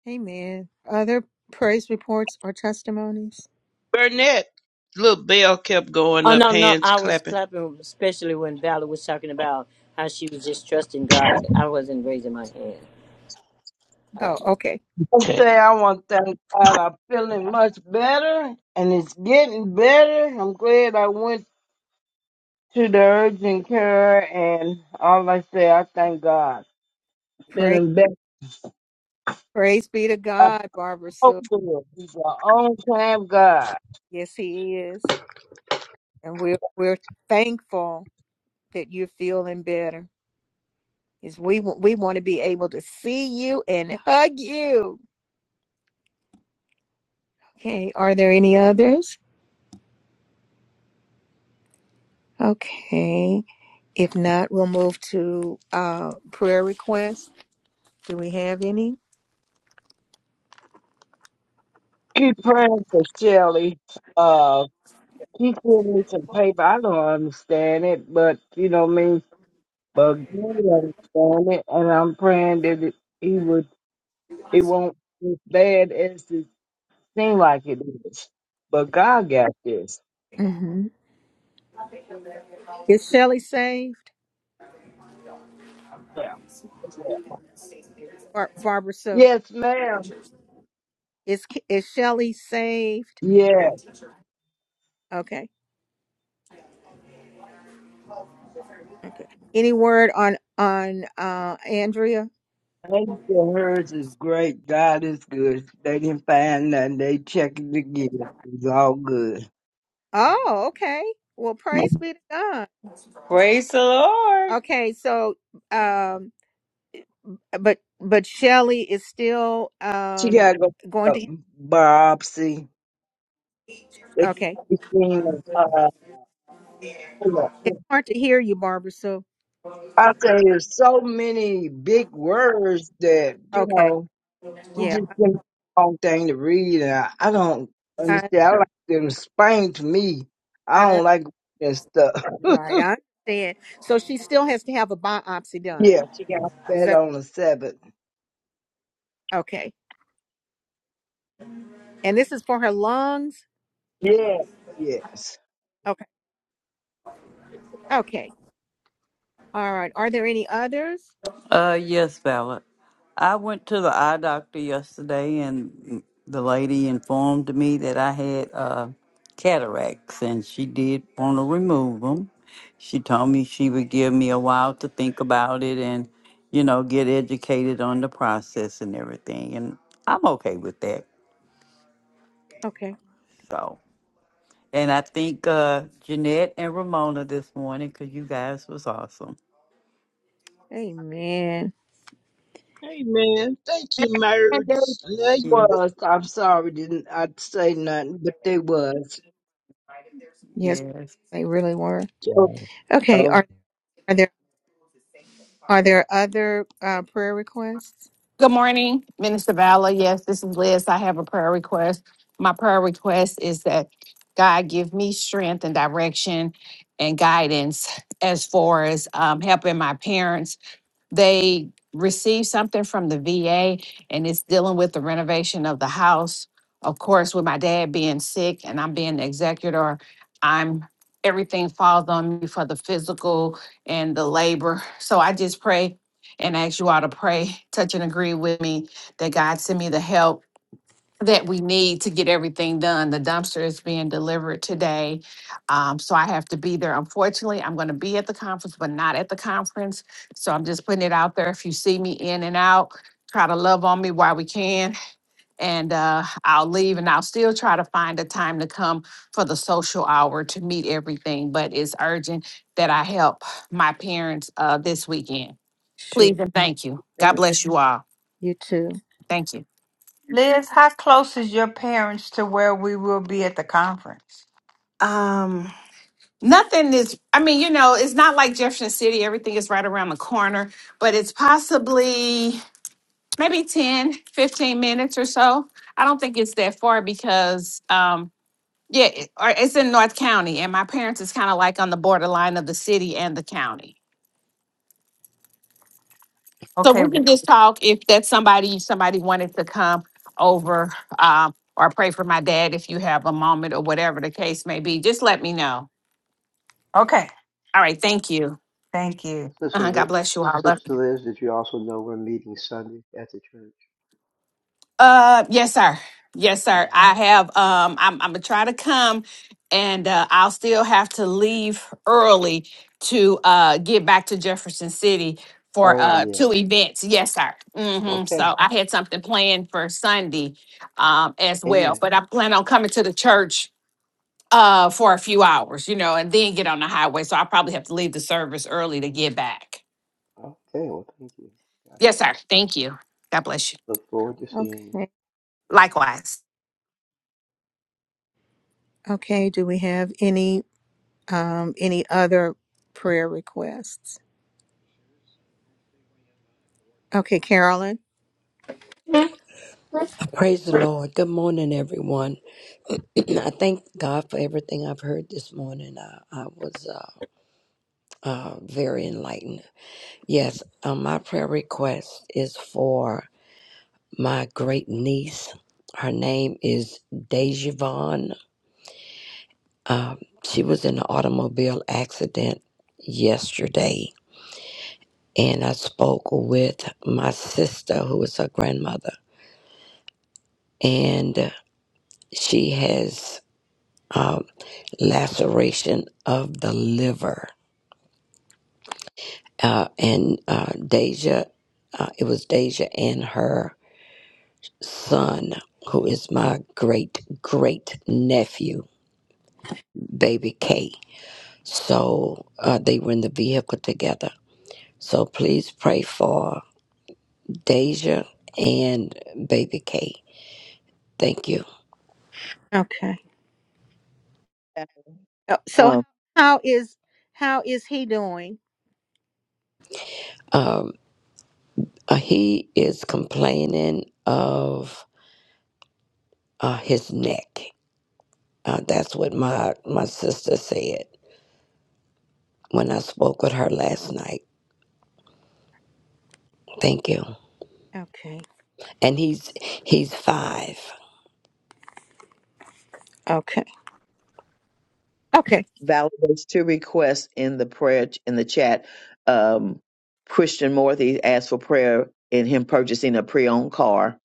A: Amen. Other praise reports or testimonies?
E: Burnett, little bell kept going
P: Oh
E: up,
P: no, no,
E: hands
P: I was
E: clapping.
P: clapping, especially when Valor was talking about how she was just trusting God. I wasn't raising my hand. Uh,
A: Oh, okay.
C: I
E: Okay.
C: say I want to thank God. I'm feeling much better and it's getting better. I'm glad I went to the urgent care and all I say, I thank God.
A: Praise
C: Feeling better.
A: praise be to
C: I
A: God, Barbara
C: hope
A: Sue.
C: it. He's our own time God.
A: Yes, He is, and we're we're thankful that you're feeling better. Is we wa- we want to be able to see you and hug you. Okay. Are there any others? Okay. If not, we'll move to uh, prayer requests. Do we have any?
C: Keep praying for Shelly. uh, She said it's a paper. I don't understand it, but you know what I mean. But God understand it, and I'm praying that it, He would. It won't be as bad as it seems like it is. But God got this.
A: Mm-hmm. Is Shelley saved?
C: Yeah.
A: Bar- Barbara Sue.
C: Yes, ma'am.
A: Is K- is Shelley saved?
C: Yeah,
A: Okay. Okay. Any word on on uh Andrea?
C: thank you. Hers is great. God is good. They didn't find nothing. They checked it again. It's all good.
A: Oh, okay. Well, praise be to God.
B: Praise the Lord.
A: Okay, so um but but Shelly is still
C: She
A: um
C: gotta go for
A: going
C: a
A: to
C: biopsy. They
A: okay.
C: she seen uh, hold on.
A: It's hard to hear you, Barbara, so
C: I say there's so many big words that you
A: okay.
C: know you
A: Yeah.
C: just think wrong thing to read, and I, I don't
A: I
C: understand. I like them explained to me. I
A: I
C: don't like and stuff.
A: right, I understand. So she still has to have a biopsy done.
C: Yeah, she got
A: Is
C: fed
A: that
C: on the seventh.
A: okay. And this is for her lungs?
C: Yeah, yes.
A: Okay. Okay. All right. Are there any others?
H: Uh, yes, Ballard. I went to the eye doctor yesterday, and the lady informed me that I had uh, cataracts, and she did want to remove them. She told me she would give me a while to think about it and, you know, get educated on the process and everything. And I'm okay with that.
A: Okay.
H: So. And I think uh, Jeanette and Ramona this morning because you guys was awesome.
A: Amen.
E: Hey man, thank you,
C: And they
E: Meredith. Love you,
H: Yeah.
C: was. I'm sorry, didn't I say nothing? But they was.
A: Yes,
H: Yes.
A: they really were.
E: but
A: Okay. Are are there Are there other uh, prayer requests?
Q: Good morning, Minister Vala. Yes, this is Liz. I have a prayer request. My prayer request is that God give me strength and direction and guidance as far as um, helping my parents they received something from the VA and it's dealing with the renovation of the house. Of course, with my dad being sick and I'm being the executor, I'm everything falls on me for the physical and the labor. So I just pray and ask you all to pray, touch and agree with me that God send me the help that we need to get everything done. The dumpster is being delivered today. Um, so I have to be there. Unfortunately, I'm going to be at the conference, but not at the conference. So I'm just putting it out there. If you see me in and out, try to love on me while we can. And uh, I'll leave and I'll still try to find a time to come for the social hour to meet everything. But it's urgent that I help my parents uh, this weekend.
A: Sure.
Q: Please and thank you. God
A: Thank
Q: bless you all.
A: You too.
Q: Thank you.
B: Liz, how close is your parents to where we will be at the conference?
Q: Um, Nothing is, I mean, you know, it's not like Jefferson City, everything is right around the corner, but it's possibly maybe 10, 15 minutes or so. I don't think it's that far because, um, yeah, it- or it's in North County, and my parents is kind of like on the borderline of the city and the county. So
B: Okay.
Q: we can just talk if that's somebody, somebody wanted to come over, um, or pray for my dad if you have a moment or whatever the case may be. Just let me know.
B: Okay.
Q: All right, thank you.
B: Thank you.
M: Sister
Q: Uh-huh,
M: Liz,
Q: God bless you all. Love you.
M: Sister Liz, did you also know we're meeting Sunday at the church?
Q: Uh, yes, sir. Yes,
M: Oh,
Q: sir. I have. Um, I'm, I'm gonna try to come, and uh, I'll still have to leave early to uh get back to Jefferson City for
M: oh
Q: uh
M: yeah.
Q: two events. Yes, sir. Mm-hmm.
M: Okay.
Q: So I had something planned for Sunday, um, as well.
M: Amen.
Q: But I plan on coming to the church uh for a few hours, you know, and then get on the highway. So I probably have to leave the service early to get back.
M: Okay. Well, thank you. God
Q: Yes,
M: bless.
Q: sir. Thank you. God bless you.
M: Look forward to seeing you.
A: Okay.
Q: Likewise.
A: Okay. Do we have any um any other prayer requests? Okay, Carolyn.
R: I Praise the Lord. Good morning, everyone. I thank God for everything I've heard this morning. I, I was uh, uh, very enlightened. Yes, um, my prayer request is for my great niece. Her name is Dejavon. Um, she was in an automobile accident yesterday, and I spoke with my sister, who is her grandmother, and she has. uh, laceration of the liver. Uh, and uh, Deja, uh, it was Deja and her son, who is my great great nephew, baby K. So uh, they were in the vehicle together. So please pray for Deja and baby K. Thank you.
A: Okay. Uh, So
G: Um,
A: how is how is he doing?
R: Um, uh, he is complaining of uh, his neck. Uh, that's what my my sister said when I spoke with her last night. Thank you.
A: Okay.
R: And he's he's five.
A: Okay. Okay.
G: validates two requests in the prayer in the chat. Um, Christian Morthy asked for prayer in him purchasing a pre-owned car.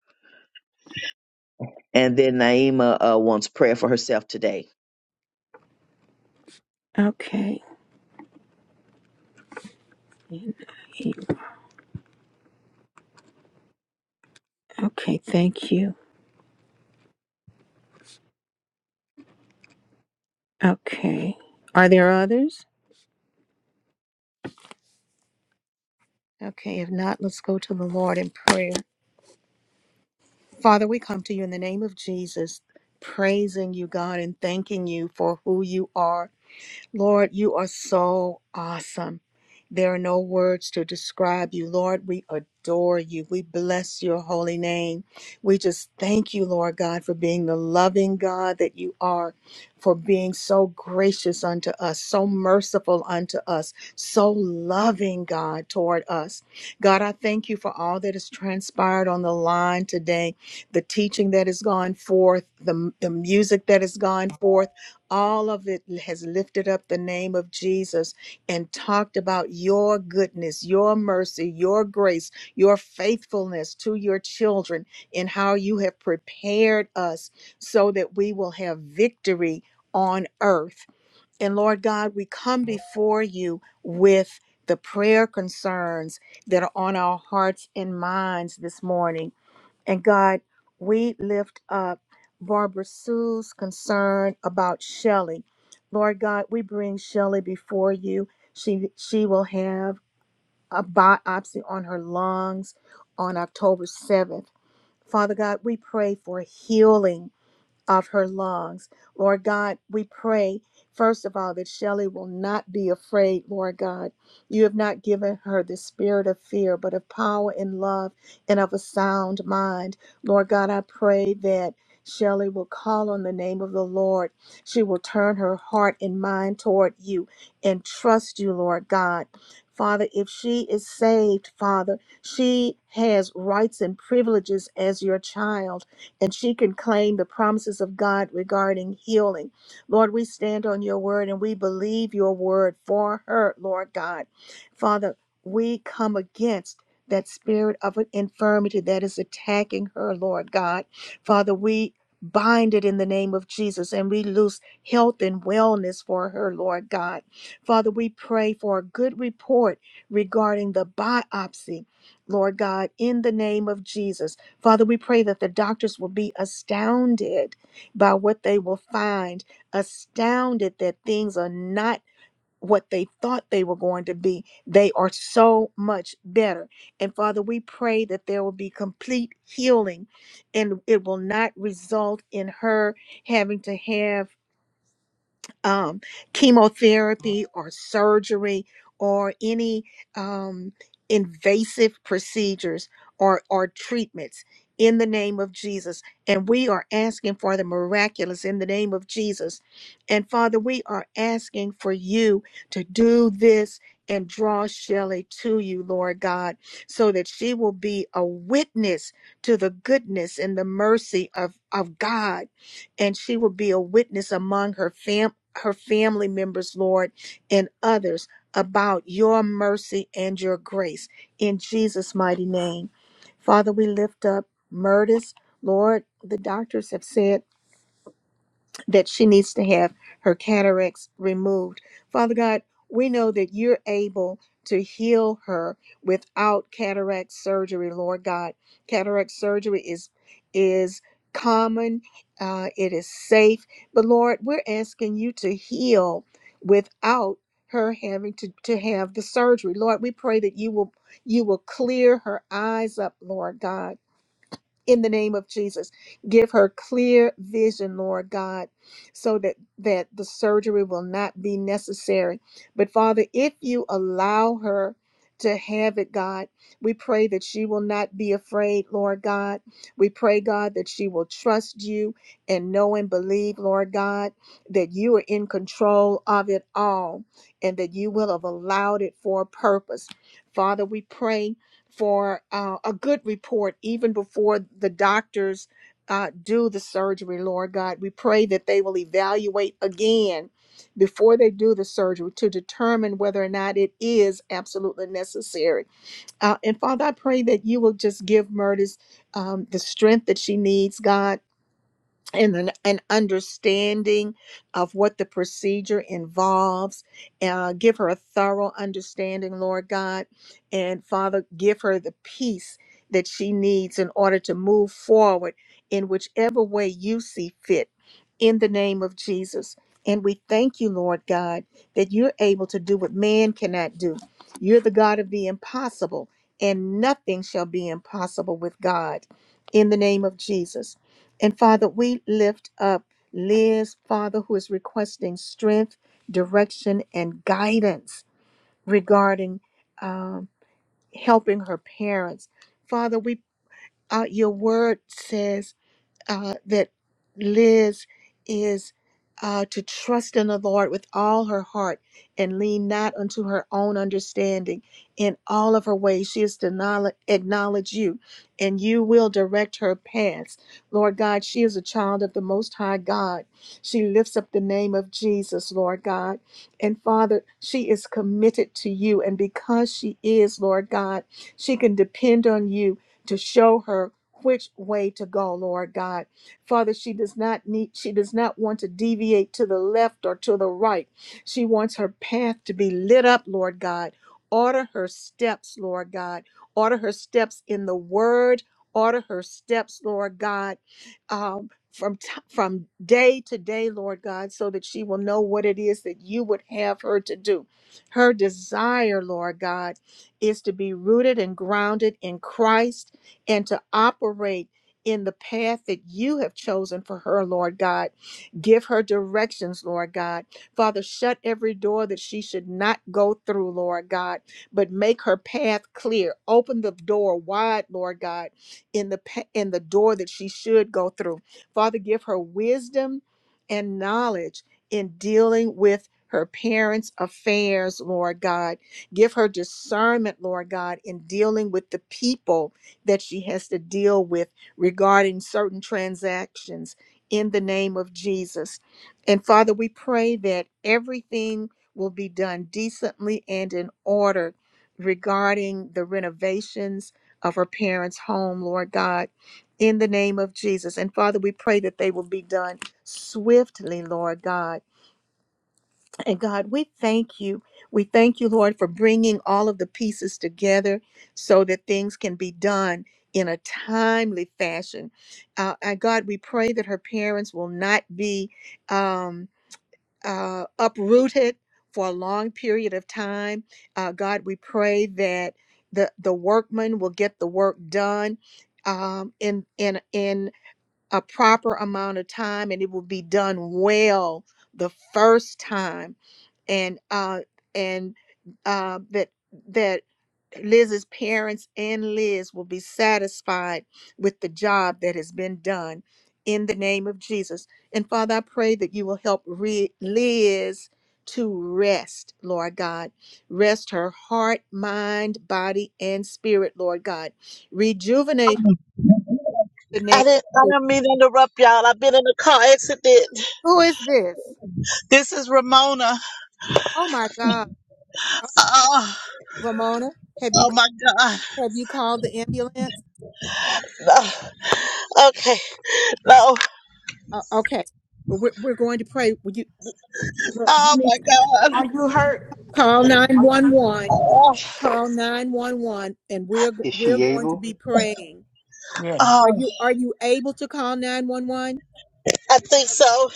G: And then Naima uh, wants prayer for herself today.
A: Okay. Okay, thank you. Okay. Are there others? Okay, if not, let's go to the Lord in prayer. Father, we come to you in the name of Jesus, praising you, God, and thanking you for who you are. Lord, you are so awesome. There are no words to describe you. Lord, we adore you. We bless your holy name. We just thank you, Lord God, for being the loving God that you are, for being so gracious unto us, so merciful unto us, so loving, God, toward us. God, I thank you for all that has transpired on the line today, the teaching that has gone forth, the, the music that has gone forth all of it has lifted up the name of Jesus and talked about your goodness, your mercy, your grace, your faithfulness to your children, and how you have prepared us so that we will have victory on earth. And Lord God, we come before you with the prayer concerns that are on our hearts and minds this morning. And God, we lift up Barbara Sue's concern about Shelley. Lord God, we bring Shelley before you. She she will have a biopsy on her lungs on October 7th. Father God, we pray for healing of her lungs. Lord God, we pray, first of all, that Shelley will not be afraid, Lord God. You have not given her the spirit of fear, but of power and love and of a sound mind. Lord God, I pray that. Shelley will call on the name of the Lord. She will turn her heart and mind toward you and trust you, Lord God. Father, if she is saved, Father, she has rights and privileges as your child and she can claim the promises of God regarding healing. Lord, we stand on your word and we believe your word for her, Lord God. Father, we come against that spirit of an infirmity that is attacking her, Lord God. Father, we bind it in the name of Jesus and we loose health and wellness for her, Lord God. Father, we pray for a good report regarding the biopsy. Lord God, in the name of Jesus. Father, we pray that the doctors will be astounded by what they will find, astounded that things are not what they thought they were going to be. They are so much better. And Father, we pray that there will be complete healing and it will not result in her having to have um, chemotherapy or surgery or any um, invasive procedures or, or treatments in the name of Jesus. And we are asking for the miraculous in the name of Jesus. And Father, we are asking for you to do this and draw Shelley to you, Lord God, so that she will be a witness to the goodness and the mercy of, of God and she will be a witness among her fam her family members, Lord, and others about your mercy and your grace in Jesus' mighty name. Father, we lift up Murdis. Lord, the doctors have said that she needs to have her cataracts removed. Father God, we know that you're able to heal her without cataract surgery, Lord God. Cataract surgery is is common, uh, it is safe, but Lord, we're asking you to heal without her having to, to have the surgery. Lord, we pray that you will you will clear her eyes up, Lord God in the name of Jesus. Give her clear vision, Lord God, so that that the surgery will not be necessary. But Father, if you allow her to have it, God, we pray that she will not be afraid, Lord God. We pray, God, that she will trust you and know and believe, Lord God, that you are in control of it all and that you will have allowed it for a purpose. Father, we pray for uh, a good report even before the doctors uh, do the surgery, Lord God. We pray that they will evaluate again before they do the surgery to determine whether or not it is absolutely necessary. Uh, and Father, I pray that you will just give Murtis um, the strength that she needs, God and an, an understanding of what the procedure involves. Uh, give her a thorough understanding, Lord God. And Father, give her the peace that she needs in order to move forward in whichever way you see fit in the name of Jesus. And we thank you, Lord God, that you're able to do what man cannot do. You're the God of the impossible, and nothing shall be impossible with God. In the name of Jesus. And Father, we lift up Liz, Father, who is requesting strength, direction, and guidance regarding um, helping her parents. Father, we uh, your word says uh, that Liz is uh, to trust in the Lord with all her heart and lean not unto her own understanding in all of her ways. She is to knowl- acknowledge you, and you will direct her paths. Lord God, she is a child of the Most High God. She lifts up the name of Jesus, Lord God. And Father, she is committed to you, and because she is, Lord God, she can depend on you to show her which way to go, Lord God. Father, she does not need, she does not want to deviate to the left or to the right. She wants her path to be lit up, Lord God. Order her steps, Lord God. Order her steps in the word. Order her steps, Lord God. Um, from t- from day to day, Lord God, so that she will know what it is that you would have her to do. Her desire, Lord God, is to be rooted and grounded in Christ and to operate in the path that you have chosen for her, Lord God. Give her directions, Lord God. Father, shut every door that she should not go through, Lord God, but make her path clear. Open the door wide, Lord God, in the pa- in the door that she should go through. Father, give her wisdom and knowledge in dealing with her parents' affairs, Lord God. Give her discernment, Lord God, in dealing with the people that she has to deal with regarding certain transactions in the name of Jesus. And Father, we pray that everything will be done decently and in order regarding the renovations of her parents' home, Lord God, in the name of Jesus. And Father, we pray that they will be done swiftly, Lord God and God, we thank you. We thank you, Lord, for bringing all of the pieces together so that things can be done in a timely fashion. Uh, and God, we pray that her parents will not be um, uh, uprooted for a long period of time. Uh, God, we pray that the, the workman will get the work done um, in, in, in a proper amount of time and it will be done well the first time and uh and uh that that Liz's parents and Liz will be satisfied with the job that has been done in the name of Jesus. And Father, I pray that you will help re- Liz to rest, Lord God. Rest her heart, mind, body, and spirit, Lord God. Rejuvenate the
K: i
A: name.
K: didn't i didn't mean to interrupt y'all i've been in a car accident
A: Who is this?
K: this is ramona
A: Oh my God.
K: oh,
A: Ramona, have you
K: oh my god
A: have you called the ambulance?
K: no. okay no
A: Uh, okay, Well, we're, we're going to pray. Would you look, you
K: oh
A: need
K: my
A: to
K: god
D: Are you hurt?
A: call nine one one.
K: oh,
A: Call nine one one, and we're
M: Is
A: we're
M: she
A: going to
M: able?
A: be praying.
B: Yeah.
A: Are
K: oh
A: you are you able to call nine one one?
K: i think so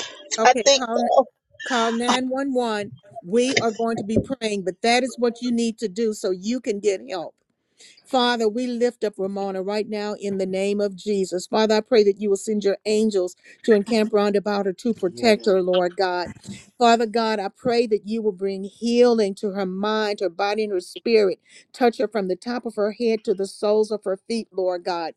K: i
A: Okay,
K: think
A: call
K: so
A: call nine one one. We are going to be praying, but that is what you need to do so you can get help. Father, we lift up Ramona right now in the name of Jesus. Father, I pray that you will send your angels to encamp round about her to protect
M: Yes.
A: her, Lord God. Father God, I pray that you will bring healing to her mind, her body, and her spirit. Touch her from the top of her head to the soles of her feet, Lord God.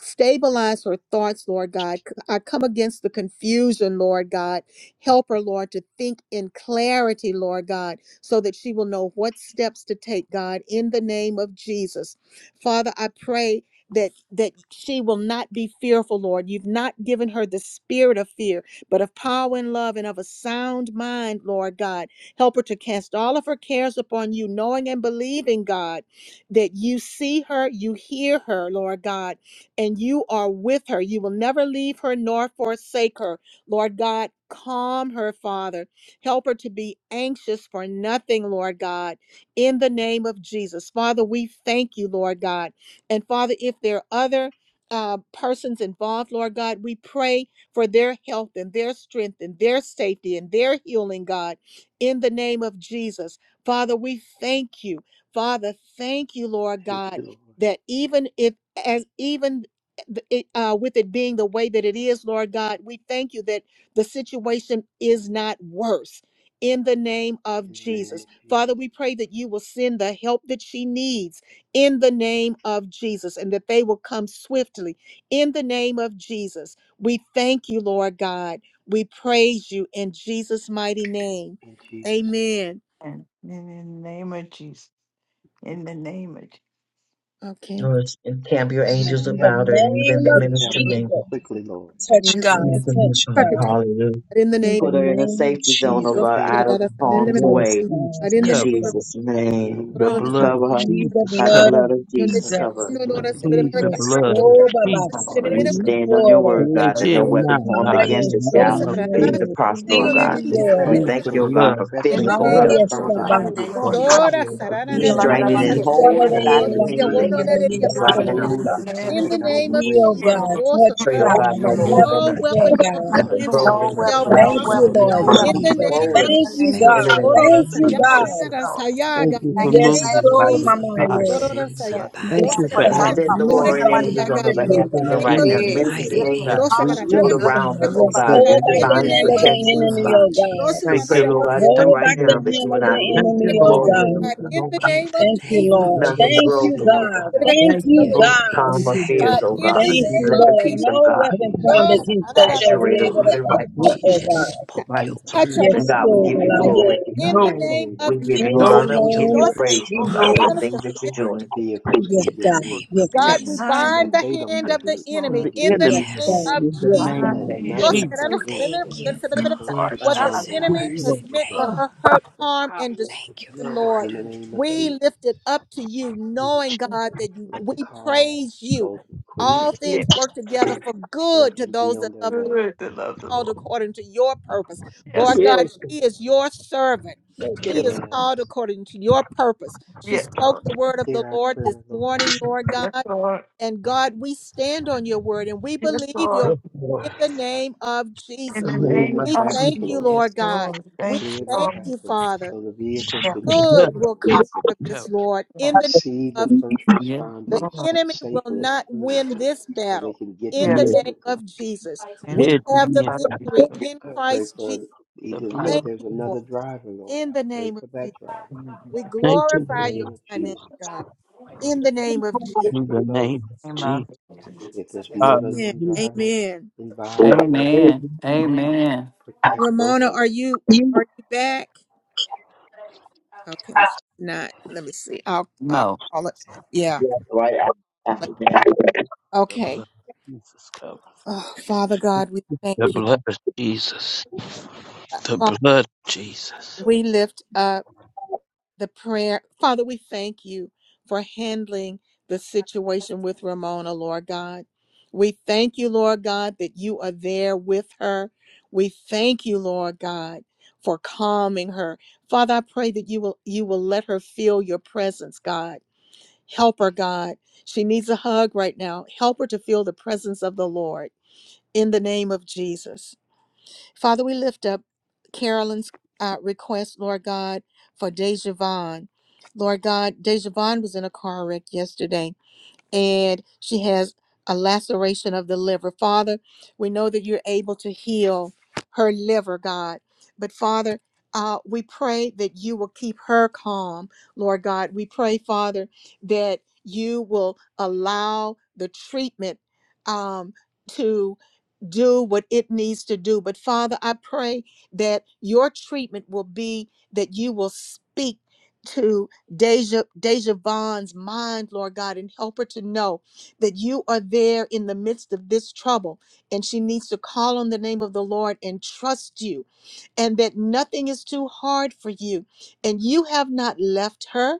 A: Stabilize her thoughts, Lord God. I come against the confusion, Lord God. Help her, Lord, to think in clarity, Lord God, so that she will know what steps to take, God, in the name of Jesus. Father, I pray that that she will not be fearful, Lord. You've not given her the spirit of fear, but of power and love and of a sound mind, Lord God. Help her to cast all of her cares upon you, knowing and believing, God, that you see her, you hear her, Lord God and you are with her. You will never leave her nor forsake her. Lord God, calm her, Father. Help her to be anxious for nothing, Lord God, in the name of Jesus. Father, we thank you, Lord God. And Father, if there are other uh, persons involved, Lord God, we pray for their health and their strength and their safety and their healing, God, in the name of Jesus. Father, we thank you. Father, thank you, Lord
M: Thank
A: God,
M: you, Lord.
A: that even if as even th- it, uh, with it being the way that it is, Lord God, we thank you that the situation is not worse. In the name of
M: In the name
A: Jesus.
M: of
A: Father,
M: Jesus.
A: we pray that you will send the help that she needs in the name of Jesus and that they will come swiftly in the name of Jesus. We thank you, Lord God. We praise you in Jesus' mighty name.
M: In Jesus' name.
A: Amen.
B: And in the name of Jesus. In the name of Jesus.
A: Okay.
G: Or it's- encamp your
N: In
G: angels
M: Send
N: the
M: help,
G: about her and
M: Lord.
G: even
N: name
G: the
N: of
A: Yes,
M: Send help,
G: ministering
A: Lord.
M: Lord.
G: angels.
N: Jesus.
M: Quickly, Lord.
N: Touch
A: Yes, Lord.
M: Send
G: Praise
A: If
N: God.
M: help.
G: the Lord,
N: Touch
A: I
G: God.
A: could
N: God.
A: just-
G: Hallelujah.
A: In the
N: In the
G: Put her in a
N: name of
G: safety zone,
M: Ease
G: oh
M: her
N: Jesus.
G: God, out
M: pain
G: of the
E: The
G: harm's
E: blood of
N: Yes,
G: way.
N: God.
E: Jesus
G: In
A: name
N: Yes,
E: covered.
A: of
N: God.
G: Jesus'
M: in the name
G: name.
M: of
E: The
A: In
M: Jesus.
E: blood of
G: Cover her
N: Through the
E: Jesus
G: by the
N: blood
E: covered.
G: blood
N: of
G: of Jesus.
M: Cover
N: Jesus.
G: Cover. her.
M: the
E: I
M: blood of
E: plead the
M: Jesus.
N: Yes,
E: blood
M: Cover her,
E: of
M: Lord.
N: soba
H: Yes,
N: basi,
E: Jesus.
H: Lord.
G: We stand on your
N: ore,
G: word,
E: Here,
G: God,
A: the
H: Yes,
G: that no
E: here,
A: name of
H: Lord.
G: weapon
E: now,
G: formed
E: God, in
G: against
E: the
G: us
N: maestro,
A: Dios,
G: shall
E: name of
G: be able
A: sacarás.
E: Jesus,
G: to
N: me,
G: prosper,
A: En el
G: oh
A: nombre
G: God.
A: de
M: Make the
E: we
A: Dios,
N: tiriore,
G: We
D: Heal,
E: plead
M: traffic
G: thank
E: the
M: so
G: you, oh
M: that the
G: God,
E: blood,
G: for
A: in
M: best
E: the
A: the
G: physical
M: first
A: name
E: blood,
G: health,
A: of Jesus.
G: oh
D: Lord,
N: maestro
D: in
M: responders
D: the
G: God.
D: mighty
M: can get
D: name of
E: the
M: through
N: basi,
D: Jesus.
E: power
A: Dora,
E: of the
A: sarana,
D: Heal,
E: blood
D: la,
A: nera,
D: la,
E: of
D: la,
A: dora,
G: Restraining
D: my
G: and
A: sarina,
D: sick, la,
E: Jesus
D: la,
N: nisora
D: la,
G: holding
M: in
E: covered.
M: the
D: la.
G: back
N: de
A: sonora,
M: name
G: the
N: la
M: of
A: y
G: hand
A: de
G: of the
A: bono,
M: Jesus.
N: kimara
A: nera, y
G: enemy
A: de
G: even right now,
D: Hallelujah.
A: rosada.
M: Move
G: God.
M: the
D: Bless the
A: In
M: traffic
D: Lord.
A: the
M: out of the
A: name of
M: way,
D: Thank
N: heal
D: you,
M: Lord.
A: Jesus,
N: God,
D: Lord.
A: also,
N: touch
G: Pray, oh
D: Hold
M: In
G: God,
N: God,
M: the
D: the
N: like
G: no
M: name
D: Lord.
M: of
N: never
R: Lord,
A: no
G: broken,
R: protect
N: before
M: Jesus.
A: weapon
N: God.
A: formed
G: nothing
R: Ramona.
A: against
M: so
A: her
D: No
G: broken,
M: that the
A: shall
G: nothing
D: weapon,
M: first
D: no
N: Thank
G: lacking,
A: prosper.
N: you,
G: nothing
R: Father
D: weapon,
M: responders
N: Lord
D: no
G: missing,
M: can
R: God,
M: get
D: weapon.
A: In
G: nothing
R: be
A: the
M: there.
R: with
N: Jesus.
A: name
R: her.
A: of
D: In
G: swollen.
N: Thank
D: the
N: you,
A: Jesus.
D: name
E: The
D: of
G: In
R: Dispatch
G: the
R: your
N: God.
D: Jesus.
G: name
E: blood.
G: of
N: Thank
D: Bless
N: you,
A: Ororosaya,
D: your holy
R: angels,
G: Jesus.
N: God.
D: name,
R: Lord.
D: God.
A: nanarasaya,
E: Thank
A: God.
D: We
E: you
A: In
E: for
D: thank
A: the
D: you in
A: name
N: Yes,
D: advance
A: of
D: for
N: so,
E: my
D: healing
R: Lord,
A: Jesus.
N: mama,
E: spirit.
R: send
D: and
A: Ororosaya.
N: yes,
E: Thank
R: somebody,
E: you
D: advance for
E: for
A: Dosakara,
N: so,
D: this
R: God.
G: Send the
D: outcome,
A: nanarasaya,
D: Lord. In
N: move
D: the
N: by
G: warring
N: your
D: mighty
M: Begin
A: nanarasaya,
G: angels
D: name
R: Send
M: their
D: of
G: on
A: God.
G: her
N: spirit,
D: Jesus.
A: In
M: healing
N: oh
R: your
G: behalf,
A: the
G: even
E: answering
N: God.
E: our
A: name
G: right
M: process,
A: of
G: now.
M: Lord,
D: Amen.
A: Jesus.
E: ears.
M: even
G: Ministering
R: mighty
D: Yes, Lord.
G: angels
E: God,
M: before
E: we
A: Dosakara,
R: angels,
M: someone
G: to
D: Hallelujah.
N: Yes,
E: plead.
M: even
R: Lord.
D: Bless
A: nanarasaya,
G: surround
N: God.
M: touches
G: her,
M: her.
G: oh
N: Yes.
A: nanarasaya,
E: the
G: God,
D: you.
A: God.
G: your
N: Hold back
A: In
E: Lord.
R: In
N: the
A: the
R: the
G: divine
N: hand
A: name
M: In
N: of
M: the
A: of
N: the
M: name
G: protection,
R: name
M: of
G: oh
A: Jesus.
N: enemy,
R: of
G: God.
N: oh
M: Jesus,
N: God.
G: We
A: Dosakara,
E: Thank you,
G: pray,
R: Jesus.
G: oh
E: Lord.
G: God,
A: nanarasaya,
G: even
E: Thank
N: Hold
G: right
E: you,
N: back the
G: now,
E: Lord.
G: that she
N: hand
G: will
N: of
A: nanarasaya,
N: the
G: not be
M: move
E: Thank
M: by
N: enemy,
E: you,
M: your
N: oh
E: Lord.
M: Spirit,
G: swollen,
N: God.
E: Thank
A: God.
G: oh
M: Lord,
E: you,
G: God.
A: In the
E: Lord.
R: In
A: name of
R: the
N: Thank you,
R: name
A: Jesus.
E: Thank
R: of
N: Lord.
E: you,
M: and
G: Nothing
R: Jesus,
E: Lord.
N: Thank
A: Dosakara,
N: you,
G: broken, oh
A: nanarasaya,
M: send
R: Lord.
N: God.
G: God.
M: help
N: Thank
E: Thank
A: nanarasaya,
E: you,
N: you,
R: You
E: Lord.
R: know
N: God.
G: Calm
E: Thank
G: her
E: you, Lord.
R: exactly
G: fears,
A: God.
M: fast.
G: oh
R: who
A: In
R: to
E: Thank
G: God.
A: the
E: you,
N: Thank
R: send,
E: Lord.
A: name
G: And
N: you,
G: let
A: of
G: the
N: Lord.
A: Jesus.
G: peace of
M: Thank
N: No
M: you,
G: God
E: Thank
N: weapon
E: you,
N: formed
A: Touch,
M: Jesus.
E: Lord.
N: against us
A: oh
N: shall
G: saturate
N: be
G: her
N: able
R: Lord.
N: to
G: even
E: I
G: right
E: thank
N: prosper,
G: now.
R: She
E: you
N: oh
R: just
E: Lord,
N: God.
R: spoke
E: by your
R: your word.
E: spirit.
N: Yes,
G: And
A: Lord
G: God,
A: Jesus.
G: we give
N: Lord.
M: Move
G: you
M: the
N: I
A: Touch.
G: glory.
N: did.
M: traffic out
A: In
E: No
M: of
A: the
M: the
E: one,
A: name
M: way,
A: of
G: We
M: Lord,
G: give you
N: In
E: no
A: Jesus.
N: the
R: God,
G: honor.
E: one,
R: and
G: We
M: so
R: your
G: give
N: name
M: that
G: you
M: the
N: of
R: words
M: first
G: praise,
R: are
G: oh God,
E: no
G: for
N: Jesus.
G: the
E: one
M: responders'
R: powerful,
G: things that you're
R: Lord,
G: doing.
M: vehicles
N: Yes,
M: can
R: in the
M: get
N: God.
E: for
M: through
R: name
E: the
N: Yes,
R: of
E: will
A: God,
N: God.
A: we
R: Jesus.
M: and that
A: bind the
M: they don't
A: hand
M: get
A: of the
M: hurt
E: of
A: enemy
M: trying
E: the
M: to
A: in the
M: get to
E: enemy
M: her.
N: Yes,
A: name
R: Yes.
N: God.
A: of
E: in the
N: Yes,
A: Jesus.
E: name
M: Let
N: God.
E: of
A: What
N: Yes,
M: nothing
E: Jesus.
M: prevent
R: Thank you,
M: the first
R: God.
A: the
R: Just
M: responders
R: have
E: Yes,
A: enemy
M: to
R: mercy.
M: get
A: has
E: Lord.
M: through
A: meant
M: her
A: for
R: Thank,
A: her hurt, harm,
E: Power
A: and
E: of
A: destruction,
E: the
R: thank you,
E: blood.
A: Lord,
M: In
R: Lord.
M: the name of
A: we
M: Jesus,
A: lift it up to you, knowing, God, that you,
M: let the
A: we
M: call
A: praise you.
M: go through quickly.
A: All things work together for good
M: Let
A: to
M: them be
A: those that
M: on their
A: love the
M: way.
A: called according to your purpose. Lord
E: Yes,
A: God, she is your servant.
E: thank you.
A: She
E: Lord.
A: is
M: Yes.
A: called according to your purpose. She spoke the word of the
M: Hear our
A: Lord
M: prayer,
A: this
M: Lord.
A: morning, Lord God. And God, we stand on your word and we believe your word
E: Yes, Lord.
A: in the name of Jesus.
E: The
M: Clear
E: name
M: the
E: of
A: We
M: traffic,
E: Jesus.
A: thank you,
M: Lord.
A: Lord
H: Yes,
A: God.
H: Lord.
A: We
M: Clear the
A: thank you,
M: traffic
A: Father.
M: so the vehicles can get
A: Good
E: Blood.
M: through,
A: will
M: Lord.
A: come
E: Yes,
A: out of this, Lord, in the name
M: See the
A: of
M: first
H: Yes,
A: the
M: responders
H: Lord.
A: enemy will
M: safely
A: not
M: through
A: win this
M: so they
A: battle
M: can get to
A: in the
M: her
E: Lord.
A: name
M: quickly.
A: of Jesus. We
E: Yes,
A: have the
E: yes,
A: victory in
M: I
E: yes.
M: pray
A: Christ Jesus.
M: for
E: The
M: even
E: blood.
M: if
A: Thank
M: there's
A: you, Lord.
M: another driver, Lord,
A: In
M: I
A: the
M: pray
A: name of
M: for
A: Jesus,
M: that driver.
A: we
E: Thank
M: In
E: you,
M: the
A: glorify your
M: name
E: Lord.
M: of
A: name,
M: Jesus,
A: God. In the name of
M: protect
A: Jesus.
E: In the
M: them both.
E: name of Jesus.
M: If there's more
E: Hallelujah.
M: than
A: Amen.
M: one driver
A: Amen.
M: involved, Lord,
H: Amen.
E: Amen.
H: Amen.
M: protect both
A: Ramona,
M: of
A: are
M: them.
A: you are you back? Okay, she's not. Let me see. I'll I'll
H: No.
A: call it. Yeah.
G: Yeah. Right af- after that.
E: The
A: Okay.
E: blood of Jesus cover.
A: Oh, Father God, we thank
E: The
A: you.
E: blood of Jesus. The
A: Father,
E: blood of Jesus.
A: we lift up. the prayer. Father, we thank you for handling the situation with Ramona, Lord God. We thank you, Lord God, that you are there with her. We thank you, Lord God, for calming her. Father, I pray that you will you will let her feel your presence, God. Help her, God. She needs a hug right now. Help her to feel the presence of the Lord in the name of Jesus. Father, we lift up Carolyn's uh, request, Lord God, for Dejavon. Lord God, Dejavon was in a car wreck yesterday and she has a laceration of the liver. Father, we know that you're able to heal her liver, God. But Father, uh, we pray that you will keep her calm, Lord God. We pray, Father, that you will allow the treatment um, to do what it needs to do. But Father, I pray that your treatment will be that you will speak. To Deja, Deja Vaughn's mind, Lord God, and help her to know that you are there in the midst of this trouble. And she needs to call on the name of the Lord and trust you, and that nothing is too hard for you. And you have not left her.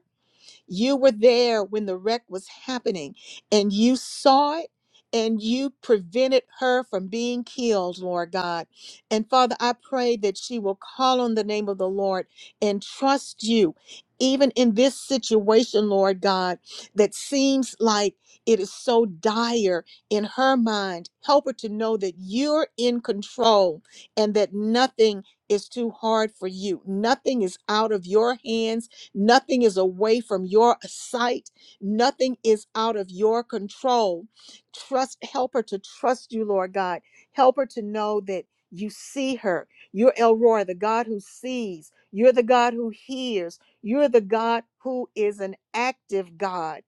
A: You were there when the wreck was happening and you saw it and you prevented her from being killed, Lord God. And Father, I pray that she will call on the name of the Lord and trust you. Even in this situation, Lord God, that seems like it is so dire in her mind, help her to know that you're in control and that nothing is too hard for you. Nothing is out of your hands Nothing is away from your sight. Nothing is out of your control. Trust, help her to trust you, Lord God. Help her to know that you see her. You're El Roy, the God who sees. You're the God who hears. You're the God who is an active God.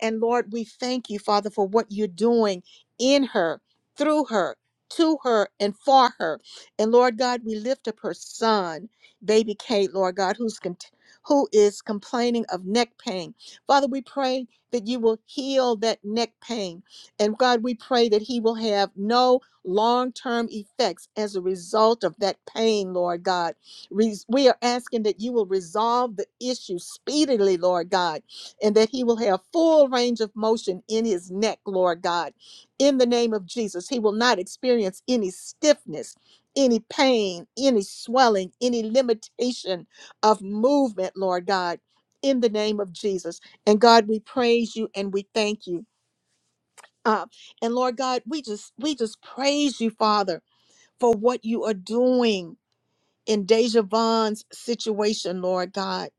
A: And Lord, we thank you, Father, for what you're doing in her, through her, to her, and for her. And Lord God, we lift up her son, baby Kate, Lord God, who's cont- who is complaining of neck pain. Father, we pray that you will heal that neck pain. And God, we pray that he will have no long-term effects as a result of that pain, Lord God. Res- We are asking that you will resolve the issue speedily, Lord God and that he will have full range of motion in his neck, Lord God. In the name of Jesus, he will not experience any stiffness, any pain, any swelling, any limitation of movement, Lord God, in the name of Jesus. And God, we praise you and we thank you. Uh, and Lord God, we just we just praise you, Father, for what you are doing in Deja Vaughn's situation, Lord God.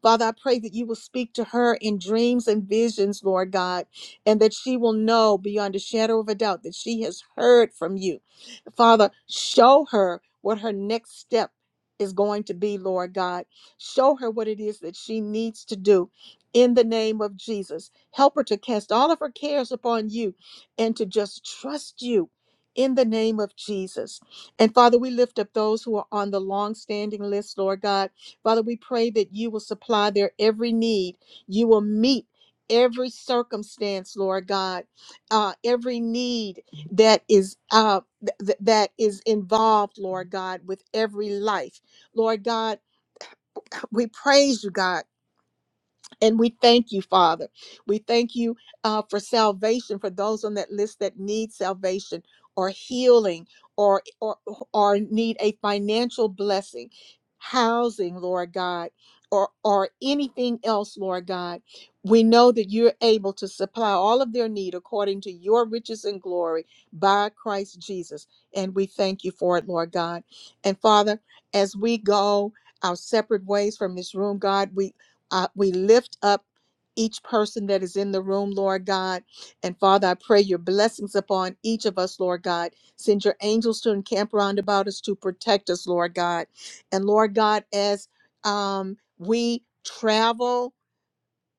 A: Father, I pray that you will speak to her in dreams and visions, Lord God, and that she will know beyond a shadow of a doubt that she has heard from you. Father, show her what her next step is going to be, Lord God. Show her what it is that she needs to do in the name of Jesus. Help her to cast all of her cares upon you and to just trust you in the name of Jesus. And Father, we lift up those who are on the long-standing list, Lord God. Father, we pray that you will supply their every need. You will meet every circumstance, Lord God, uh, every need that is uh, th- th- that is involved, Lord God, with every life, Lord God. We praise you, God. And we thank you, Father. We thank you uh, for salvation for those on that list that need salvation or healing or, or or need a financial blessing, housing, Lord God, or or anything else, Lord God. We know that you're able to supply all of their need according to your riches and glory by Christ Jesus. And we thank you for it, Lord God. And Father, as we go our separate ways from this room, God. we. Uh, we lift up each person that is in the room, Lord God. And Father, I pray your blessings upon each of us, Lord God. Send your angels to encamp round about us to protect us, Lord God. And Lord God, as um, we travel,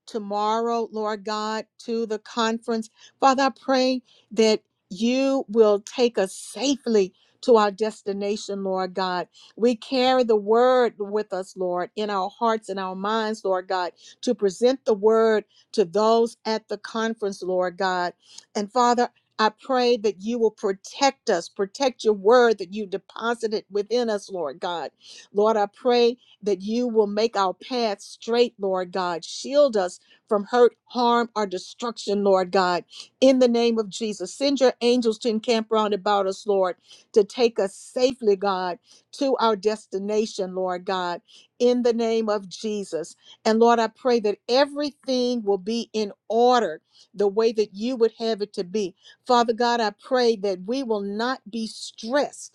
A: tomorrow, Lord God, to the conference. Father, I pray that you will take us safely to our destination, Lord God. We carry the word with us, Lord, in our hearts and our minds, Lord God, to present the word to those at the conference, Lord God. And Father, I pray that you will protect us, protect your word that you deposited within us, Lord God. Lord, I pray that you will make our path straight, Lord God. Shield us from hurt, harm, or destruction, Lord God. In the name of Jesus, send your angels to encamp round about us, Lord, to take us safely, God, to our destination, Lord God. In the name of Jesus. And Lord, I pray that everything will be in order the way that you would have it to be. Father God, I pray that we will not be stressed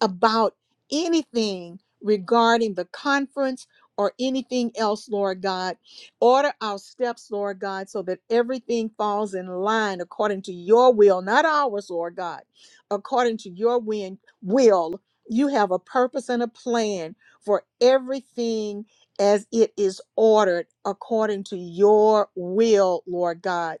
A: about anything regarding the conference or anything else, Lord God. Order our steps, Lord God, so that everything falls in line according to your will, not ours, Lord God, according to your win- will. You have a purpose and a plan for everything as it is ordered according to your will, Lord God,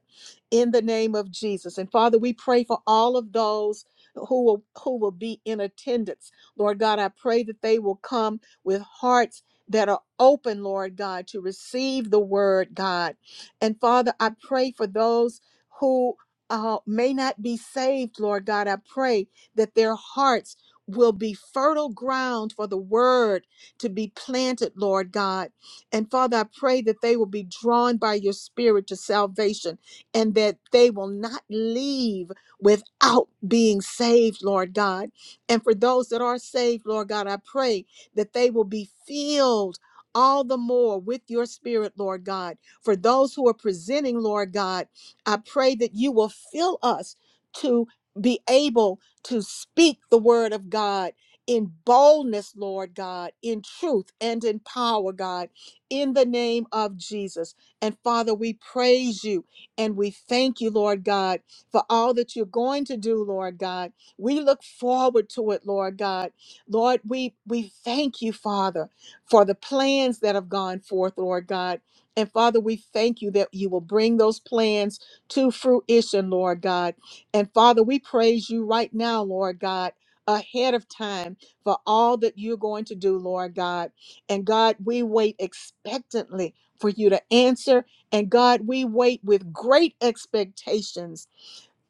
A: in the name of Jesus. And Father, we pray for all of those who will who will be in attendance. Lord God, I pray that they will come with hearts that are open, Lord God, to receive the word, God. And Father, I pray for those who uh, may not be saved, Lord God. I pray that their hearts will be fertile ground for the word to be planted, Lord God. And Father, I pray that they will be drawn by your spirit to salvation and that they will not leave without being saved, Lord God. And for those that are saved, Lord God, I pray that they will be filled all the more with your spirit, Lord God. For those who are presenting, Lord God, I pray that you will fill us to be able to speak the word of God. In boldness, Lord God, in truth and in power, God, in the name of Jesus. And Father, we praise you and we thank you, Lord God for all that you're going to do, Lord God. We look forward to it, Lord God. Lord, we we thank you, Father, for the plans that have gone forth, Lord God. And Father, we thank you that you will bring those plans to fruition, Lord God. And Father, we praise you right now, Lord God, ahead of time for all that you're going to do, Lord God. And God, we wait expectantly for you to answer. And God, we wait with great expectations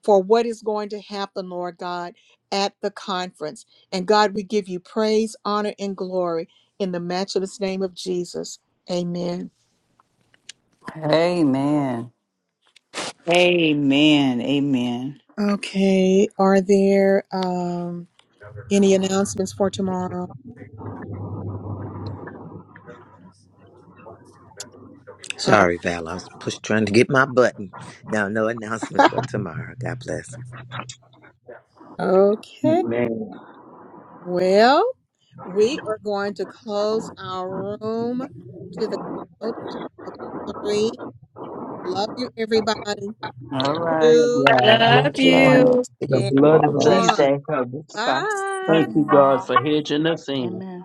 A: for what is going to happen, Lord God, at the conference. And God, we give you praise, honor, and glory in the matchless name of Jesus. Amen.
H: Amen.
B: Amen. Amen.
A: Okay, are there um, any announcements for tomorrow? Uh,
L: Sorry, Val. I was push, trying to get my button. No, no announcements for tomorrow. God bless.
A: okay,
E: Amen.
A: well, we are going to close our room to the count of three. Love you, everybody.
H: All right.
E: Love
A: Two
E: y'all.
R: Much
G: Everyone,
R: love. See
E: The
R: you
A: and
E: blood
G: have
E: of
G: a
R: tomorrow.
G: blessed
A: one.
E: Jesus
G: day.
E: covers.
A: Bye.
D: Love
E: Thank you,
D: you
E: God,
D: all.
E: for hedging us in.
D: Amen.